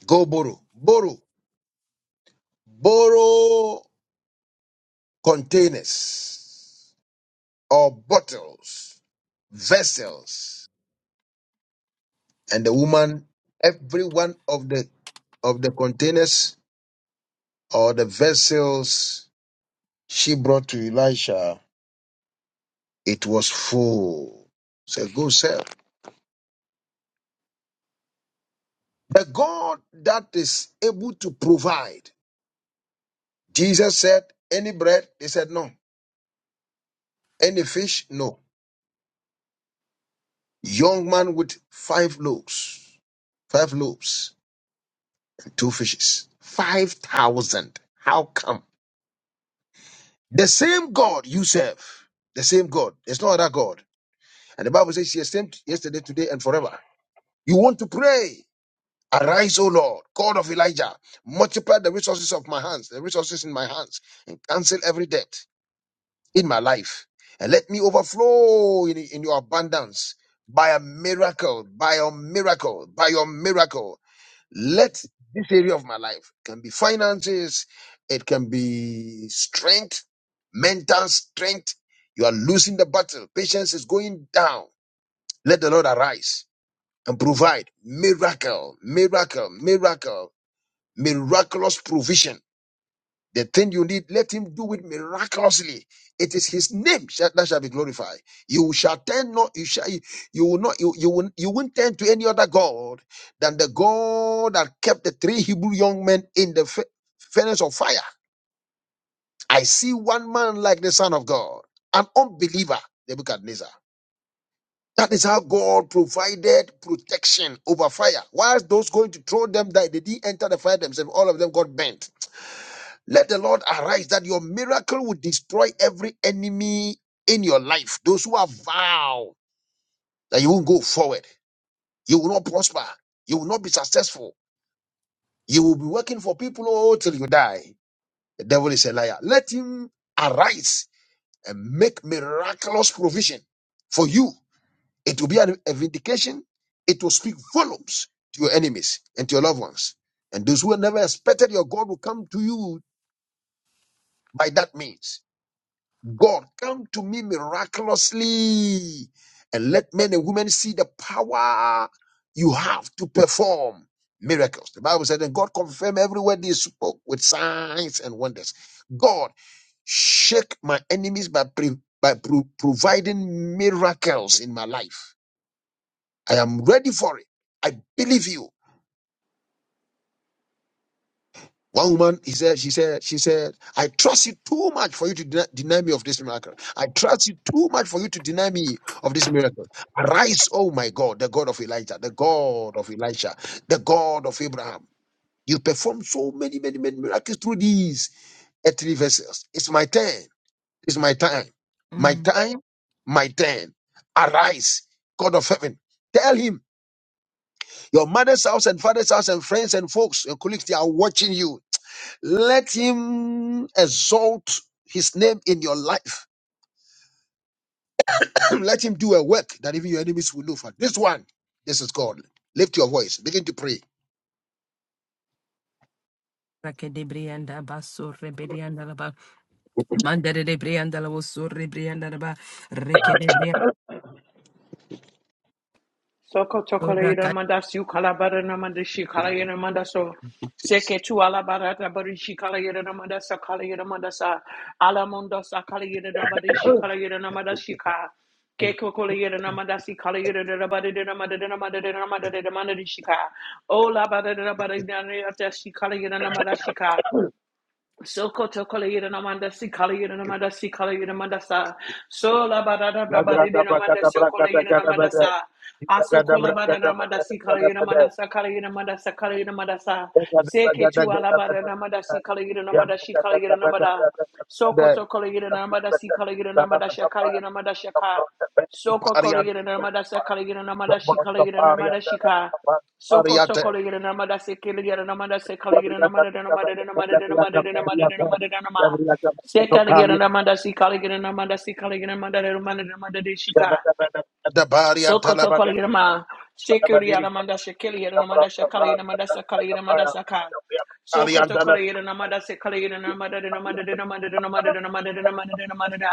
S2: Go borrow, borrow, borrow containers or bottles, vessels. And the woman, every one of the of the containers or the vessels she brought to Elisha, it was full. So go sell. The God that is able to provide. Jesus said, Any bread? They said, No. Any fish? No. Young man with five loaves, five loaves, and two fishes, 5,000. How come? The same God you serve, the same God. There's no other God. And the Bible says, He is same yesterday, today, and forever. You want to pray. Arise, O Lord, God of Elijah, multiply the resources of my hands, the resources in my hands, and cancel every debt. in my life and let me overflow in, in your abundance by a miracle, by your miracle, by your miracle. Let this area of my life can be finances, it can be strength, mental strength. You are losing the battle. Patience is going down. Let the Lord arise and provide miracle, miracle, miracle, miraculous provision the thing you need, let him do it miraculously. It is his name shall- that shall be glorified. You shall turn not, you shall, you will not, you, you will, you won't turn to any other God than the God that kept the three Hebrew young men in the fa- furnace of fire. I see one man like the son of God, an unbeliever, Nebuchadnezzar. That is how God provided protection over fire. Whilst those going to throw them died, they didn't enter the fire themselves. All of them got burnt. Let the Lord arise that your miracle will destroy every enemy in your life. Those who have vowed that you won't go forward, you will not prosper, you will not be successful, you will be working for people oh, till you die. The devil is a liar. Let him arise and make miraculous provision for you. It will be a a vindication, it will speak volumes to your enemies and to your loved ones. And those who never expected your God will come to you by that means. God, come to me miraculously and let men and women see the power you have to perform miracles. The Bible said, and God confirmed every word they spoke with signs and wonders. God, shake my enemies by, pre- by pro- providing miracles in my life. I am ready for it. I believe you. One woman, he said, she said, she said, I trust you too much for you to deny, deny me of this miracle. I trust you too much for you to deny me of this miracle. Arise, oh my God, the God of Elijah, the God of Elisha, the God of Abraham. You perform so many, many, many miracles through these earthly vessels. It's my turn. It's my time. My time, my turn. Arise, God of heaven. Tell him your mother's house and father's house and friends and folks, your colleagues, they are watching you. Let him exalt his name in your life. Let him do a work that even your enemies will look for. This one, this is God. Lift your voice. Begin to pray.
S4: Rakedebrianda basso rebedianda la ba mandere de brianda la vosso rebrianda la de rekedebrianda
S3: Soko tokole
S4: sorra
S3: ira
S4: kata
S3: manda si ukala bara na manda shi kala
S5: better.
S3: ira manda so
S5: Thank you, Jesus.
S3: seke tu ala bara ta bari shi kala ira na manda sa kala ira manda sa ala mondo sa kala ira na
S5: you,
S3: manda shi
S5: Jesus.
S3: kala ira na
S5: Thank
S3: manda shi ka ke kokole ira na manda si kala ira na bara de na manda de na manda de na manda de na manda shi ka o la bara de na bara de na ta shi kala ira na manda shi ka Sokoto kolegira namanda si kolegira namanda si kolegira namanda sa sola barada rabarida namanda si kolegira namanda sa aso kola barada namanda si kolegira namanda sa kolegira namanda sa kolegira namanda sa seke tu ala barada namanda si kolegira namanda si kolegira namanda sokoto kolegira namanda si kolegira namanda si kolegira namanda si ka soko kolegira namanda sa kolegira namanda si kolegira namanda si Soko toko
S2: Ariate.
S3: le gira nama da se kele gira nama da se
S2: Zabriya
S3: kele gira
S2: Zabriya
S3: nama da da nama da da nama da da nama da da nama da da nama da da nama. Se kele gira nama da si kele gira nama da si kele gira nama da da nama da da nama da de shika. Sokoto Kaliyama, Sekiri Yaramanda Shakili Yaramanda Shakali Yaramanda Sakali Yaramanda Saka. Sokoto Kaliyana Namada Sekali Yaramanda Namada Namada Namada Namada Namada Namada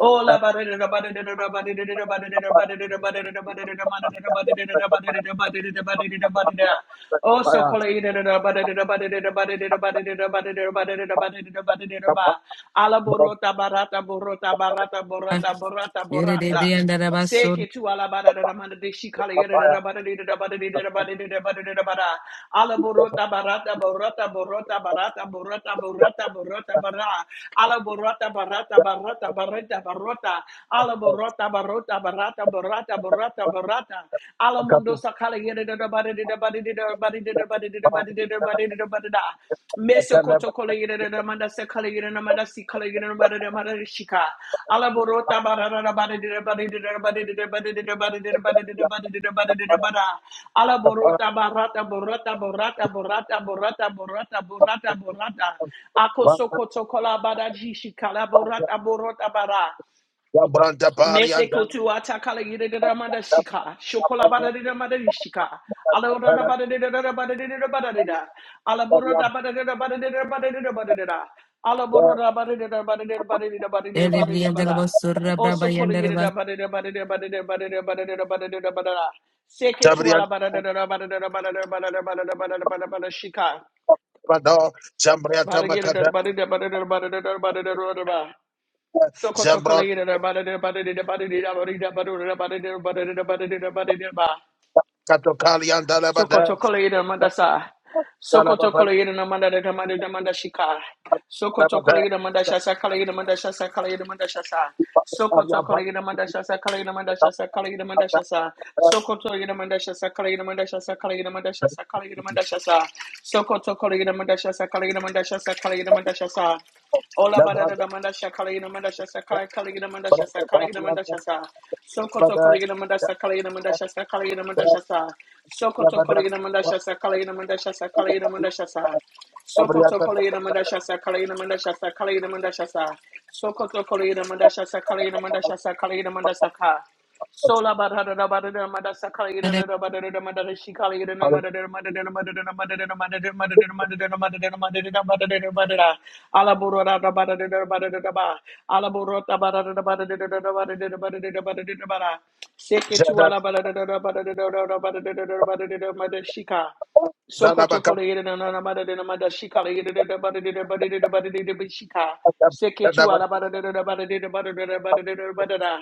S3: Oh la bada da bada da da bada da da bada da da bada da da bada da da bada da da bada da da bada da da bada da da bada da da bada da da bada da Oh so Kaliyana da da bada da da bada da da bada da da bada da da bada da da bada da da bada da da bada da da ba Alaborota Barata Borota Barata Borata Borata
S4: Yere de
S3: Borata
S4: brianda la ba sor
S3: Seke tu ala bada da da manda de shi kala yada da da bada de da bada de da bada de da bada de da bada. Ala borota barata borota borota barata borota borota borota bara. Ala borota barata barata barata barota. Ala borota barota barata barata barata barata. Ala mondo sakala yada da da bada de da bada de da bada de da bada de da bada de da bada de da bada da. Meso koto kole na manda se kole na manda si kole na bara na bara shika. alaborota bara bara bara bara dira bara dira bara dira bara dira bara dira bara bara dira bara bara. alaborota barata borata borata borata borata borata borata borata. akoso koto kola bara jishika alaborota borota bara. Mesekutu atakala yididida manda shika. Shokola bada dida manda shika. Alabora bada dida dida bada dida bada dida. Alabora bada dida bada dida bada dida bada dida. Alabora bada dida bada dida bada dida bada dida
S4: de
S3: bada dida
S4: brianda la
S3: bada.
S4: ba sorra braba
S3: Also kola
S4: yanda la ba
S3: yidida bada dida bada dida bada dida bada dida bada dida bada dida bada dida. Seketu ala bada dida dida bada dida bada dida bada dida bada dida bada dida bada shika. Bada yidida bada dida bada dida bada dida bada dida bada dida. Sokoto kolegida da bada da bada da bada da bada da bada da bada da bada da bada da bada da ba.
S2: Zabriya
S3: Sokoto kolegida mandasa. Sokoto kolegida na manda da manda da manda shika.
S2: Amen. Amen.
S3: Sokoto kolegida manda shasa kolegida manda shasa manda shasa. Sokoto kolegida manda shasa kolegida manda shasa manda shasa. Sokoto kolegida manda shasa kolegida manda shasa kolegida manda shasa kolegida manda shasa. Sokoto kolegida manda shasa kolegida manda shasa manda shasa. Ola bada da da manda sha kala ina manda sha sa kala kala ina manda sha sa kala ina manda sha sa. Soko to kala ina manda sha kala ina manda sha sa kala ina manda sha sa. Soko to kala ina manda sha sa kala ina manda sha sa kala ina manda sha sa. Soko to kala ina manda sha sa kala ina manda sha sa kala ina manda sha sa. Soko kala ina manda sha ina manda sha ina manda sha Sola barada da barada da mada sakala yada da da barada da mada da shikala yada da mada da mada da mada da mada da mada da mada da mada da mada da mada da mada da mada da mada da ala borora da barada da barada da ba ala borota barada da barada da da barada da barada da barada da bara seke tu ala barada da da barada da da barada da da barada da mada shika Sokoto kolegere na na na mada de na mada shika legere de de bada de de bada de de bada de de bada shika. Seketu ala bada de de de bada de de bada de de bada de de bada da.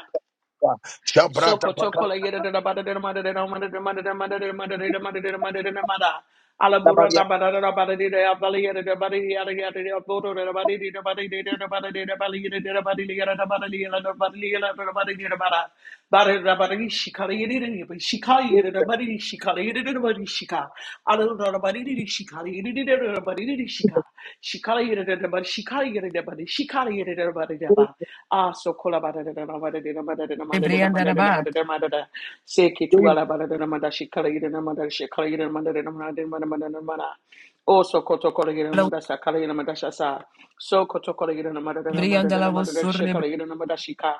S3: Sokotokola yedada bada dada mada dada mada dada mada dada mada dada mada dada mada dada mada dada mada. Alaburota bada dada bada dada ya bali yada dada bada yada yada yada boro dada bada dada bada dada dada bada dada bali yada dada bada li yada dada bada li yada dada bada li yada dada bada li yada bada. Bada dada bada li shikali yada dada yada shikali yada dada bada shika shika shika shika shikala shikala shikala ah so kola
S4: de brianda la ba
S3: seki tu ala shikala shikala Oh, so koto kola gira namada sa kala gira namada sa sa. So koto kola gira namada da namada da
S4: Briandala was
S3: namada da she
S4: surre.
S3: kala gira namada shika.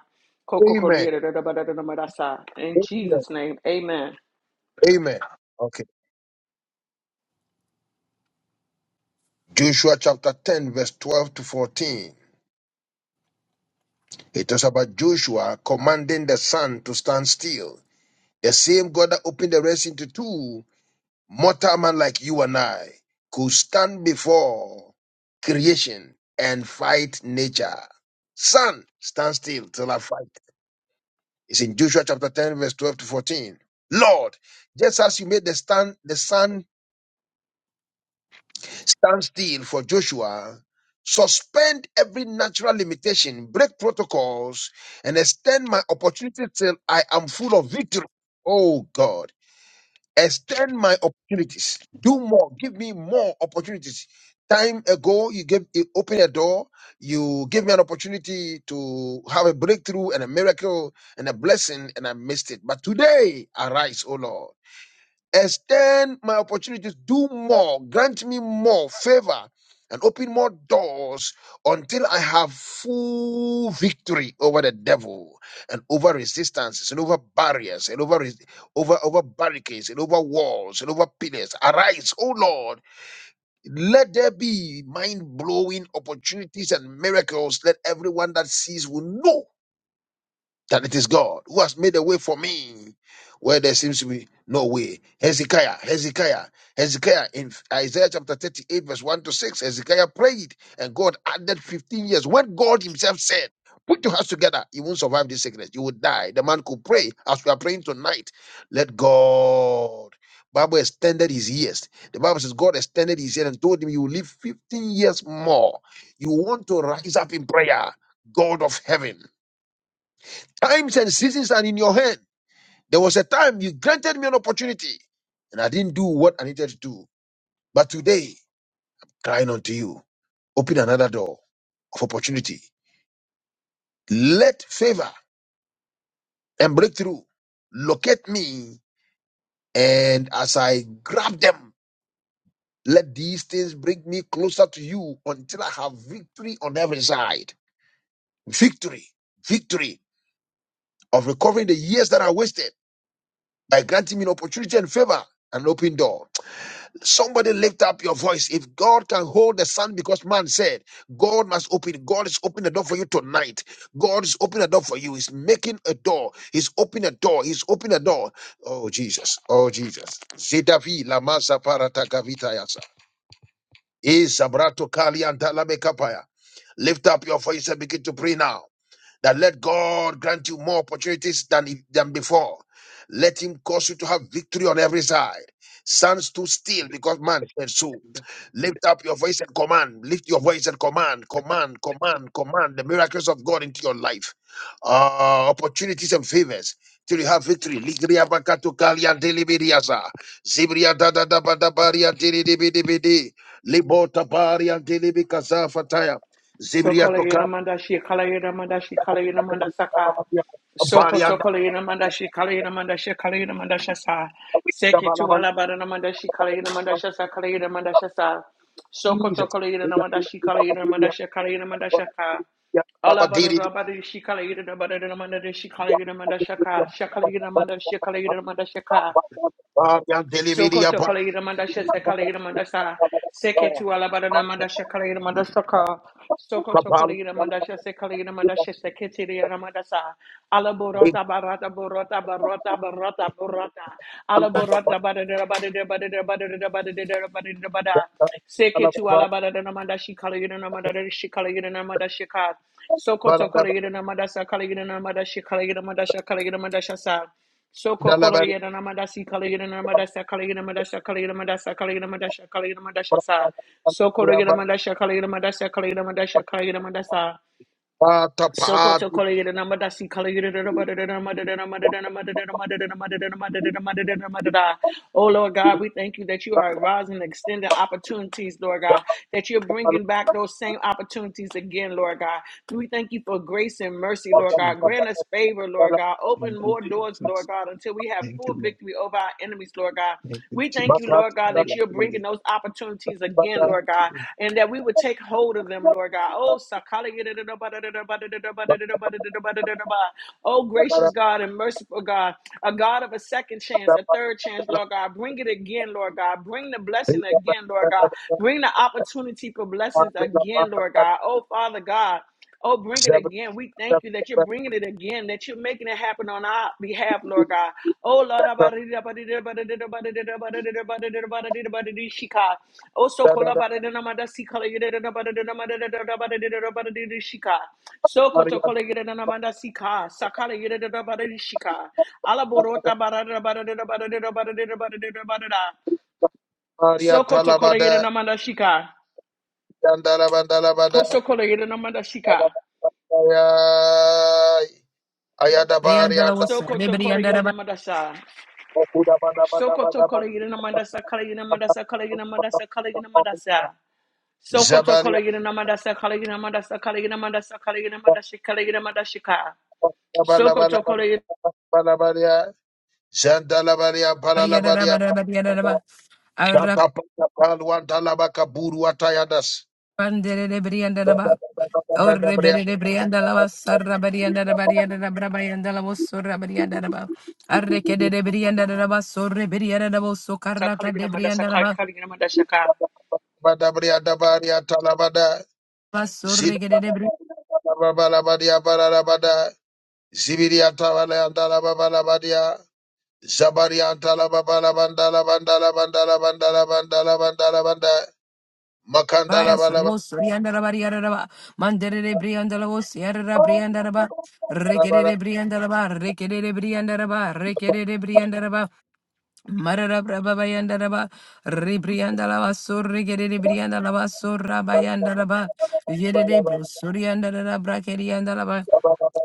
S3: Koko kola gira da da ba da da namada In Jesus' name, amen.
S2: Amen. Okay. Joshua chapter 10, verse 12 to 14. It was about Joshua commanding the sun to stand still The same God that opened the Red Sea into two, mortal man like you and I could stand before creation and fight nature. Son, stand still till I fight. It's in Joshua chapter 10, verse 12 to 14. Lord, just as you made the stand the sun stand still for Joshua, suspend every natural limitation, break protocols, and extend my opportunity till I am full of victory. Oh God. extend my opportunities do more give me more opportunities time ago you gave you open a door you gave me an opportunity to have a breakthrough and a miracle and a blessing and i missed it but today arise O lord extend my opportunities, do more, grant me more favor, and open more doors until I have full victory over the devil and over resistances and over barriers and over res- over over barricades and over walls and over pillars. Arise, O Lord, let there be mind blowing opportunities and miracles. Let everyone that sees will know that it is God who has made a way for me where there seems to be no way. Hezekiah, Hezekiah, Hezekiah in Isaiah chapter 38, verse 1 to 6, Hezekiah prayed and God added 15 years when God himself said, Put your hands together, you won't survive this sickness, you will die. The man could pray as we are praying tonight. Let God. Bible extended his years. The Bible says God extended his years and told him, You will live 15 years more. You want to rise up in prayer, God of heaven. Times and seasons are in your hand. There was a time you granted me an opportunity and I didn't do what I needed to do. But today, crying unto you, open another door of opportunity. Let favor and breakthrough locate me. And as I grab them, let these things bring me closer to you until I have victory on every side. Victory, victory of recovering the years that I wasted by granting me an opportunity and favor and open door. Somebody lift up your voice. If God can hold the sun, because man said, God must open. God is opening the door for you tonight. God is opening a door for you. He's making a door. He's opening a door. He's opening a door. Oh Jesus. Oh Jesus. Zedavi Lamasa Parata Gavitayasa. Is Abrato Kali and Dalame Lift up your voice and begin to pray now that let God grant you more opportunities than, than before. Let him cause you to have victory on every side. Stand too still because man said so. Lift up your voice and command. Lift your voice and command, command, command, command the miracles of God into your life. Uh, opportunities and favors till you have victory. Ligria bakato kalia delibiriasa. Zibria da da da ba da baria delibidi. Libota baria delibikaza fataya. Zibria
S3: Sokola Yinamanda Shi Kala Yinamanda Shi Kala Yinamanda Saka. Soko Tokola Yinamanda Shi Kala Yinamanda Shi Kala Yinamanda Shasa. Seki Tuala Badanamanda Shi Kala Yinamanda Shasa Kala Yinamanda Shasa. Soko Tokola Yinamanda Shi Kala Yinamanda Shi Kala Yinamanda Shaka. Allah Badabada Shi Kala Yinamanda Shi Kala Yinamanda Shaka. Shakala Yinamanda Shi Kala Yinamanda Shaka. Sokoto Kaleira Mandasha Kaleira Mandasa Seketu Alabadana Mandasha Kaleira Mandasaka Sokoto Kaleira Mandasha Kaleira Mandasha Seketiria Mandasa Alaborota Barata Borota Barota Barota Borota Alaborota Badada Badada Badada Badada Badada Badada Bada Seketu Alabadana Mandashi Kaleira Mandadashi Kaleira Mandashika Sokoto Kaleira Mandasa Kaleira Mandashi Kaleira Mandasha Kaleira Mandasha Sokokoro yera namadasi kala yera namadasa kala yera namadasa kala yera namadasa kala yera namadasa kala yera namadasa sa. Sokoro yera namadasa kala yera namadasa kala yera namadasa kala yera namadasa. Sokoto kolegere namada si kolegere namada namada Oh Lord God, we thank you that you are rising, extending opportunities, Lord God, that you're bringing back those same opportunities again, Lord God. We thank you for grace and mercy, Lord God. Grant us favor, Lord God. Open
S5: you,
S3: more doors, Lord
S5: Jesus.
S3: God, until we have
S5: Thank
S3: full
S5: you, Lord.
S3: victory over our enemies, Lord God.
S5: Thank you,
S3: We thank you thank you,
S5: Jesus.
S3: Lord God, that you're bringing
S5: Hallelujah.
S3: those opportunities again, Lord God, and that we would take hold of them, Lord God. Oh, sakala yadadada badadada badadada badadada badadada badadada ba. oh gracious God and merciful God, a God of a second chance, a third chance, Lord God. Bring it again, Lord God. Bring the blessing again, Lord God. Bring the opportunity for blessings again, Lord God. Oh, Father God. Oh, bring it again. We thank you that you're bringing it again, that you're making it happen on our behalf, Lord God. Oh, Lord, shika. Oh, so
S2: Jesus.
S3: kola shika. So koto
S2: Maria
S3: kola yedamada sika. Sakala yedamada shika. Alaborota barada barada barada barada barada barada.
S2: Maria
S3: So koto kola
S2: Talabada
S3: yedamada shika.
S2: Yandala Bandala Bada
S3: Koso kola yedamada shika.
S2: Yabaya Ayada
S4: Briandala
S2: Barianda
S4: was
S3: So
S4: sorry,
S3: koto kola
S4: Briandala,
S3: yedamada
S2: Okuda Bada Bada
S3: Sokoto
S2: Bada
S3: kola
S2: Bada
S3: yina mandasa kala yina mandasa kala yina mandasa kala yina mandasa. Sokoto kola
S2: Zabalia
S3: yina mandasa kala yina mandasa kala yina mandasa kala yina mandasa kala yina mandasa ka.
S2: Bala Bala
S3: Sokoto kola yina
S2: Bala Bala Zandala baria Bala baria
S4: Briandala, Briandala,
S2: Shata Pata Palwan Talabaka Buru Atayadas
S4: Arapandere, Briandala, or
S2: Bada
S4: Rebere, Briandala was Sarra, Briandala, Briandala, Briandala was sorra, Briandala, Arrecade, Briandala was sorry, Briandala was
S3: mandasa kala
S4: socarata
S3: yina
S4: de
S3: mandasa
S4: Briandala,
S3: kala yina mandasa ka.
S2: Bria Dabaria Talabada
S4: was sorry, Gedebri.
S2: Zidabarabarabadiabarabada, Zibiriatabalayandarabarabadia, Zabariantalababalabandarabandalabandalabandalabandalabandalabanda,
S4: Brias Rose, Riandala Bariaraba, Mandere de Briandala, was Sierra Briandaba, Rekede de. Briandaba, Rekere Briandaba, Rekere Briandaba, Mararabrababayandaraba, Ribriandalaba, Surrigeribriandalaba, Surrabayandaraba, Yerebro,
S2: Makandalabalabalabalabalabalabalabalabalabalabala.
S4: Suriandarabrakeriandalaba,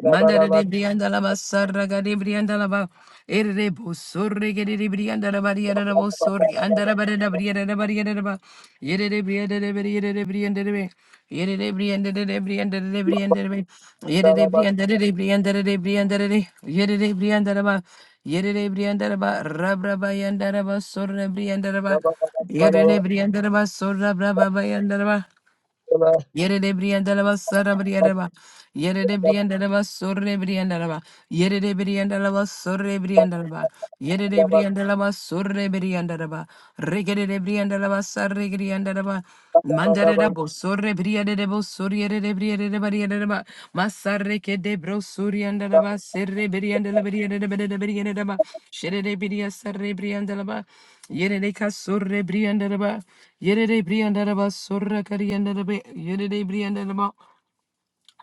S4: Mandarabriandalaba, Sarragadibriandalaba, Erre bosorre gerere brianda la barriera la bosorre anda la barriera brianda la barriera la ba. Yerere brianda la barriera la brianda la be. Yerere brianda la brianda la brianda la be. Yerere brianda la brianda la brianda la de. Yerere brianda la ba. Yerere brianda la ba. Rabra bayanda la ba sorre brianda la ba. Yerere
S2: Hallelujah.
S4: brianda la ba sorra braba bayanda la ba. Yere de brianda la basara brianda ba. Yere de brianda la basore brianda la Yere de brianda la basore brianda la Yere de brianda la basore brianda la ba. Regere de brianda la basare brianda la ba. Mandare da bosore brianda suri ere de bri ere de bari ere de ba masare ke de bro suri anda da ba serre bri anda la bri ere de bri ere de bri ere de ba shere de bri asare bri anda la ba yere de ka surre bri anda da ba yere de bri anda da ba surra kari anda da ba yere de bri anda da ba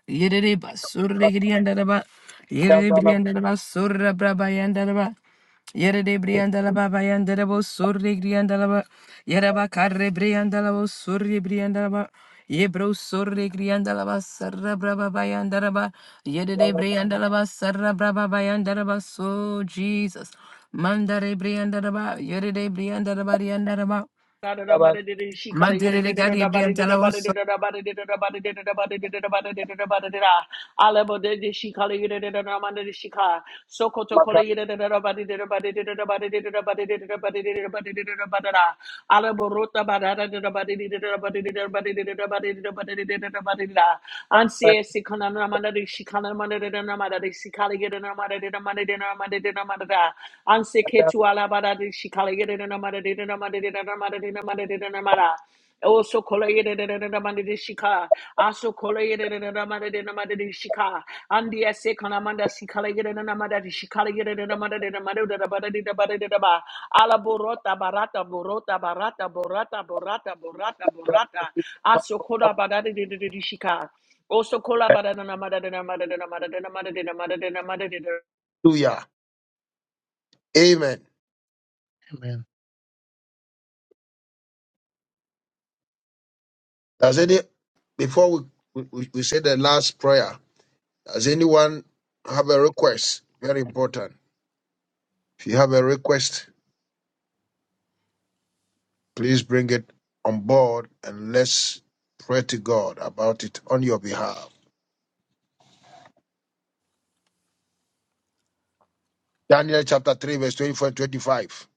S4: Yedede ba surre gidiyandada ba. Yedede briyandada ba surra braba yandada ba. Yedede briyandala ba bayandada bo surre gidiyandala ba. Yeraba karre briyandala bo surre briyandala ba. Yebro surre gidiyandala ba sarra braba bayandada ba. Yedede briyandala ba sarra braba bayandada ba. So Jesus. Mandare briyandada ba. Yedede briyandada ba riyandada ba.
S3: She calling
S4: Mandere
S3: it
S4: gari briyandala bo sarra
S3: she calling it a Ramanda de Sokoto calling it a Rabadi de Rabadi de Rabadi de Rabadi de Rabadi de Rabadi de Rabadara. Alebo Rota Badara de Rabadi de Rabadi de Rabadi de Rabadi de Rabadi de Rabadi da. Ansie Sikana Ramanda de Shikana Ramanda de Ramada de Sikali get a Ramada de Ramada de Ramada de Ramada da. Also shika. Also shika. Andi ese kanamanda sikala yere na namada shikala yere na namada de namada de namada de namada de namada. Ala borota barata borota barata borata borata borata borata. Aso kola badade de de de shika. Also kola badana namada de namada de namada de namada de namada
S2: Amen.
S5: Amen.
S2: Does any before we, we, we we say the last prayer, does anyone have a request? Very important. If you have a request, Please bring it on board and let's pray to God about it on your behalf. Daniel chapter 3, verse 24 and 25.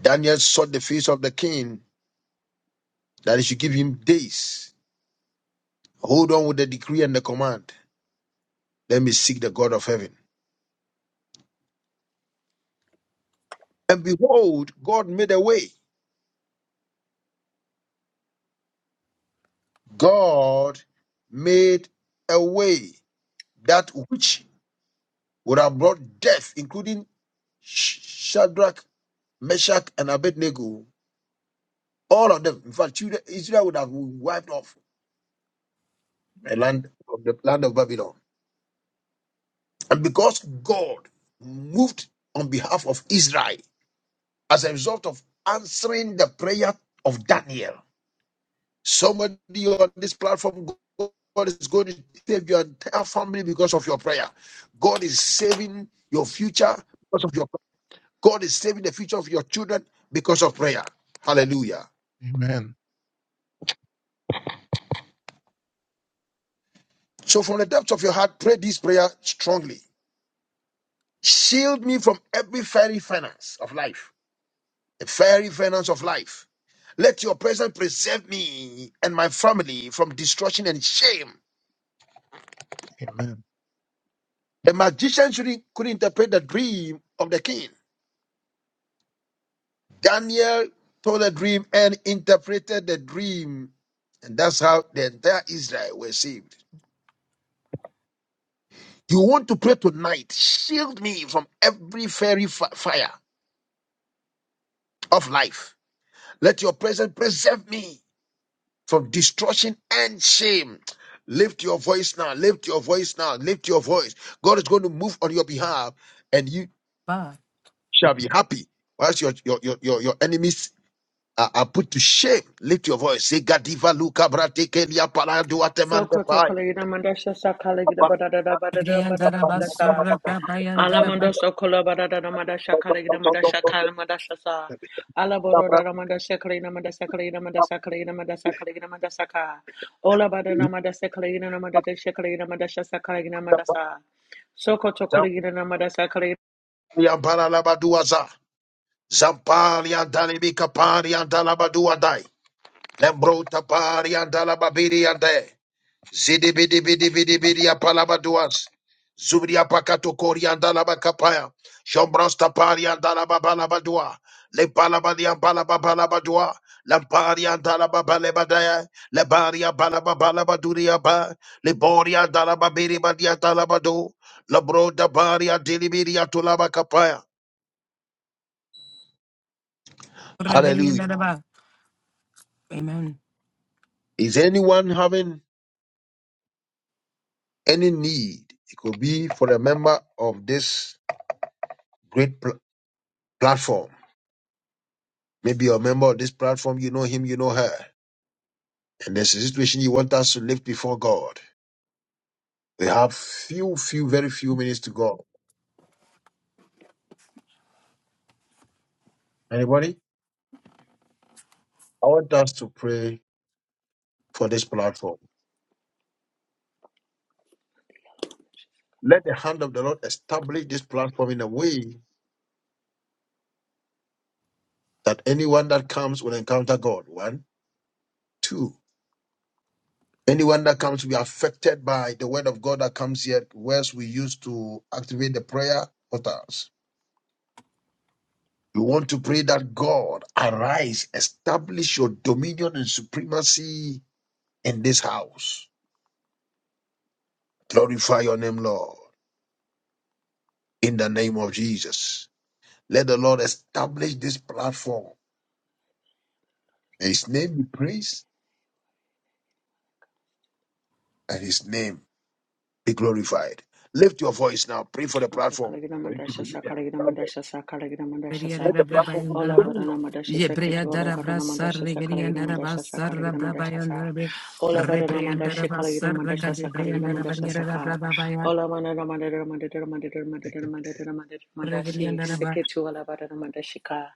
S2: Daniel sought the face of the king that he should give him days. Hold on with the decree and the command. Let me seek the God of heaven. And behold, God made a way. God made a way that which would have brought death, including Sh- Shadrach, Meshach, and Abednego. All of them. In fact, Judah- Israel would have been wiped off the land of the land of Babylon. And because God moved on behalf of Israel as a result of answering the prayer of Daniel, somebody on this platform, God is going to save your entire family because of your prayer. God is saving your future because of your prayer. God is saving the future of your children because of prayer. Hallelujah.
S5: Amen.
S2: So from the depths of your heart, pray this prayer strongly. Shield me from every fairy finance of life, the fairy finance of life. Let your presence preserve me and my family from destruction and shame. The magician shouldn't, could interpret the dream of the king. Daniel told the dream and interpreted the dream, and that's how the entire Israel were saved. You want to pray tonight? Shield me from every fairy fi- fire of life. Let your presence preserve me from destruction and shame. Lift your voice now. Lift your voice now. Lift your voice. God is going to move on your behalf and you
S4: ba.
S2: shall be happy. Whilst your, your, your, your, your enemies are, are put to shame, lift your voice. Say, Gadiva Luca Brate Kelia Paladu Atemande
S3: Sokoto
S2: Pai.
S3: kolegina mandasha sakalegina badada badada badada mandasha. Alamondo sokola badada mandasha kalegina mandasha kala mandasha sa. Ala boroda mandasha kalegina mandasha kalegina mandasha kalegina mandasha kalegina mandasha ka. Ola badada mandasha kalegina mandasha kalegina mandasha sa kalegina mandasha. Sokoto kolegina mandasha kolegina
S2: Zampalia Baralabaduaza. Zampalia Dalibika Paria Dalabadua Dai. Lembrota Paria Dalababiri Ade. Zidibidibidibidibidia palabaduas. Zubria pakato korianda labakapaya. Jombrasta parianda lababalabadua. Le palabadia palababalabadua. Lamparianda lababalebadaya. Le baria palababalabaduria ba. Le boria dalababiribadia dalabadu. La broda baria dilibiria tulabakapaya.
S4: Amen.
S2: Hallelujah.
S4: Yere
S2: Is anyone having any need? It could be for a member of this great pl- platform Maybe you're a member of this platform, you know him, you know her. And there's a situation you want us to lift before God. We have few, few, very few minutes to go. Anybody? I want us to pray for this platform. Let the hand of the Lord establish this platform in a way that anyone that comes will encounter God. One, two. Anyone that comes will be affected by the word of God that comes here, whereas we use to activate the prayer portals. You want to pray that God arise, establish your dominion and supremacy in this house. Glorify your name, Lord, in the name of Jesus. Let the Lord establish this platform. May His name be praised and His name be glorified. Lift your voice now. Pray for the platform. For it to be
S3: Atakalagidamandasha
S2: lifted.
S3: sakalagidamandasha sakalagidamandasha sa.
S2: Let the platform go to
S3: Ola badana
S2: dominion.
S3: madasha saketu ola badana madasha sakalagina madasha sakalagina madasha sa ola badana madasha kalagina madasha sakalagina madasha saka ola manana madara madara madara madara madara madara madashi saketu ola badana madashika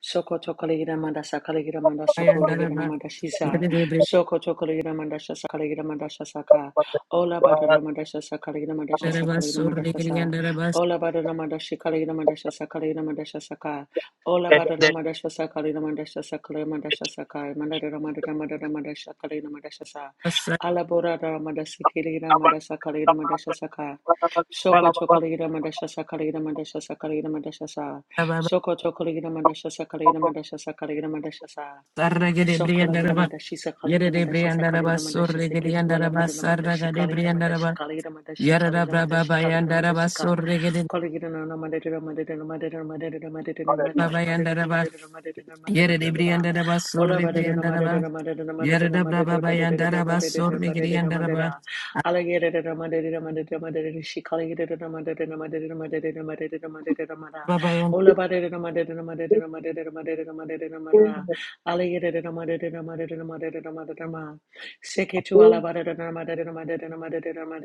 S3: Soko tokolegira manda sakalegira manda sokolegira manda shisa. Soko tokolegira manda shasakalegira manda shasaka. Ola bada ramanda shasakalegira manda shasakalegira manda shasa. Ola bada ramanda shikalegira manda shasakalegira manda shasaka. Ola
S2: And
S3: bada
S2: then-
S3: ramanda shasakalegira manda shasakalegira manda shasaka. Manda ramanda ramanda ramanda shakalegira manda shasa. Ala bora ramanda sikelegira manda
S2: Amen.
S3: sakalegira manda shasaka. Soko tokoligida mandasha sakaligida mandasha sakaligida mandasha sa. Soko tokoligida mandasha sakaligida mandasha sakaligida mandasha sa. Sokolagramadashi Sakalagramadashi Sakalagramadashi Sekitualapadanamadashi Kaligramadashi Kaligramadashi Kaligramadashi Kaligramadashi Ka Koligrana Madera Madera Madera Madera Madera Madera Madera Madera
S4: Babayandaraba,
S3: Madera Madera Madera
S5: Amen.
S3: Madera
S4: Yeredebriandaraba,
S3: Ola Badera
S4: Surribriandaraba,
S3: Madera Madera Madera Madera Badera
S4: Yeredabrababayandaraba,
S3: Badera Badera
S4: Surrigriandaraba,
S3: Madera Alligator Madera Madera Madera She Kaligramadamadera Madera Madera Madera Madera Madera Ola Badera Madera Madera Madera Madera Madera Madera Seke tu ala bara da da ma da da da ma da da da ma da da da ma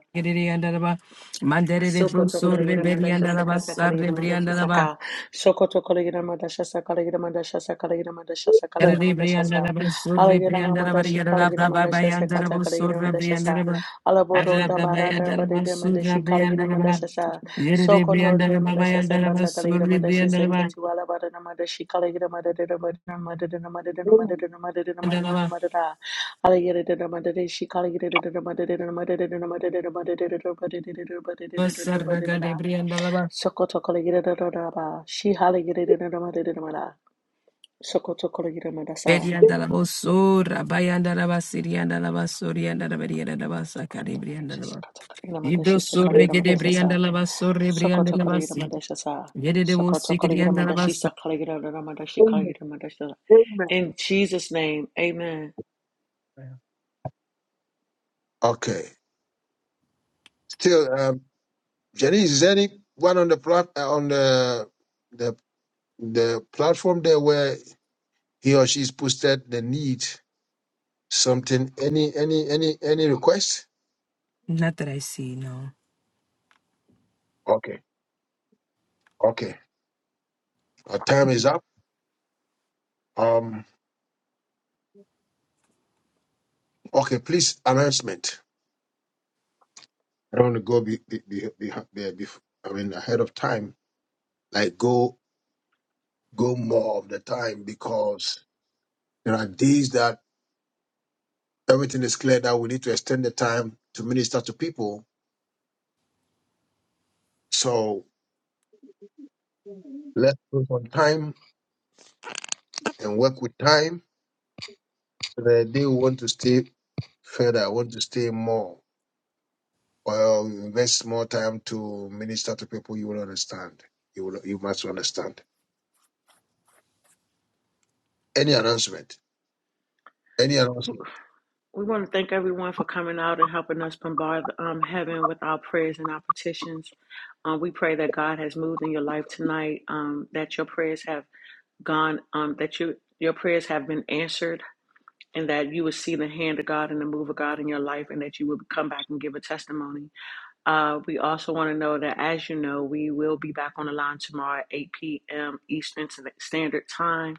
S4: Babayandiriandaraba, Manderebro,
S3: Sokoto Kalayira Mandasha
S4: Surribriandaraba,
S3: Sakata Kalayira Mandasha
S4: Sarribriandaraba,
S3: Saka Sokoto Kalayira Mandasha Sakalayira Mandasha Sakalayira Mandasha Sakalayira Mandasha Sa
S4: Yeredebriandaraba,
S3: Alayira
S4: Surribriandaraba,
S3: Namadashi Kalayira Mandasha Sakata
S4: Yeredabrababayandaraba,
S3: Kalayira Mandasha Sa
S4: Surribriandaraba,
S3: Alaboro Tabarata
S4: Arababayandaraba,
S3: Badida Mandashi Kalayira
S4: Surribriandaraba,
S3: Mandasha Sa Sokoto de
S4: Yeredebriandaraba,
S3: Mandasha
S4: Bayandaraba,
S3: Sakata Kalayira Mandasha
S4: Surribriandaraba,
S3: Saketu Alabada Namadashi Kalayira Madadina Madadina Madadina Madadina
S2: Amen.
S3: Madadina Madadina Madadina
S4: Andaraba,
S3: Madadina in Jesus'
S4: Sarragadebriandaraba, Beriandalaboso, Rabayandalaba, Siriandalaba, Soriandalaba, Riandalaba, Sakari, Briandalaba. Ibro sorre gede briandalaba, sorre briandalaba, si. Yede de wo sikiriandalaba, sa-
S2: Amen. Amen.
S3: name, amen.
S2: Okay. Still. um, Jenny Zenik went on the plat- uh, on the the the platform there where he or she's posted the need something any any any any request.
S4: Not that I see, no.
S2: Okay, okay. Our time is up. Um. Okay, please announcement. I don't want to go be be be, be, be, be I mean ahead of time. Like go go more of the time because there are days that everything is clear that we need to extend the time to minister to people. So let's put some time and work with time. The day we want to stay further, want to stay more, or invest more time to minister to people, you will understand. You will, you must understand. Any announcement, any announcement,
S3: We want to thank everyone for coming out and helping us bombard um, heaven with our prayers and our petitions. Um, we pray that God has moved in your life tonight. Um, prayers have gone um, that you you're answered in that uh, standard time.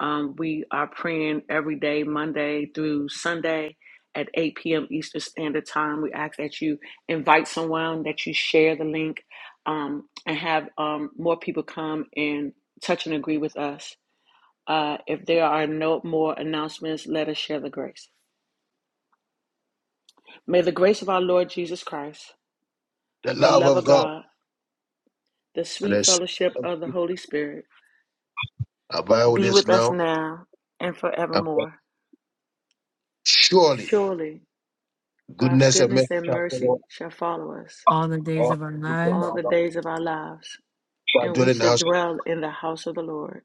S3: Um, we are praying every day, Monday through Sunday at 8 p.m. Eastern Standard Time. We ask that you invite someone, that you share the link, um, and have um, more people come and touch and agree with us. Uh, if there are no more announcements, let us share the grace. May the grace of our Lord Jesus Christ,
S2: the
S3: the
S2: love
S3: love
S2: of
S3: of
S2: God
S3: God the
S2: and
S3: sweet
S2: His
S3: fellowship of the Holy Spirit
S2: abide with
S3: be
S2: us
S3: with us
S2: now.
S3: now and
S2: And
S3: forevermore.
S2: surely
S3: Surely God's
S2: goodness and
S3: goodness
S2: mercy
S3: and
S2: shall follow
S3: mercy shall follow us
S4: All the days
S2: all
S4: of our
S2: the people of
S4: lives.
S3: all
S2: our
S3: the
S2: life,
S3: days of our lives,
S2: shall
S3: and
S2: dwell
S3: we
S2: in the
S3: shall
S2: house of
S3: dwell in the house of the Lord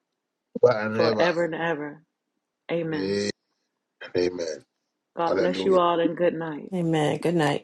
S2: God and ever.
S3: forever and ever. Amen.
S2: Amen.
S3: God bless you
S2: Hallelujah.
S3: all and good night.
S6: Amen. Good night.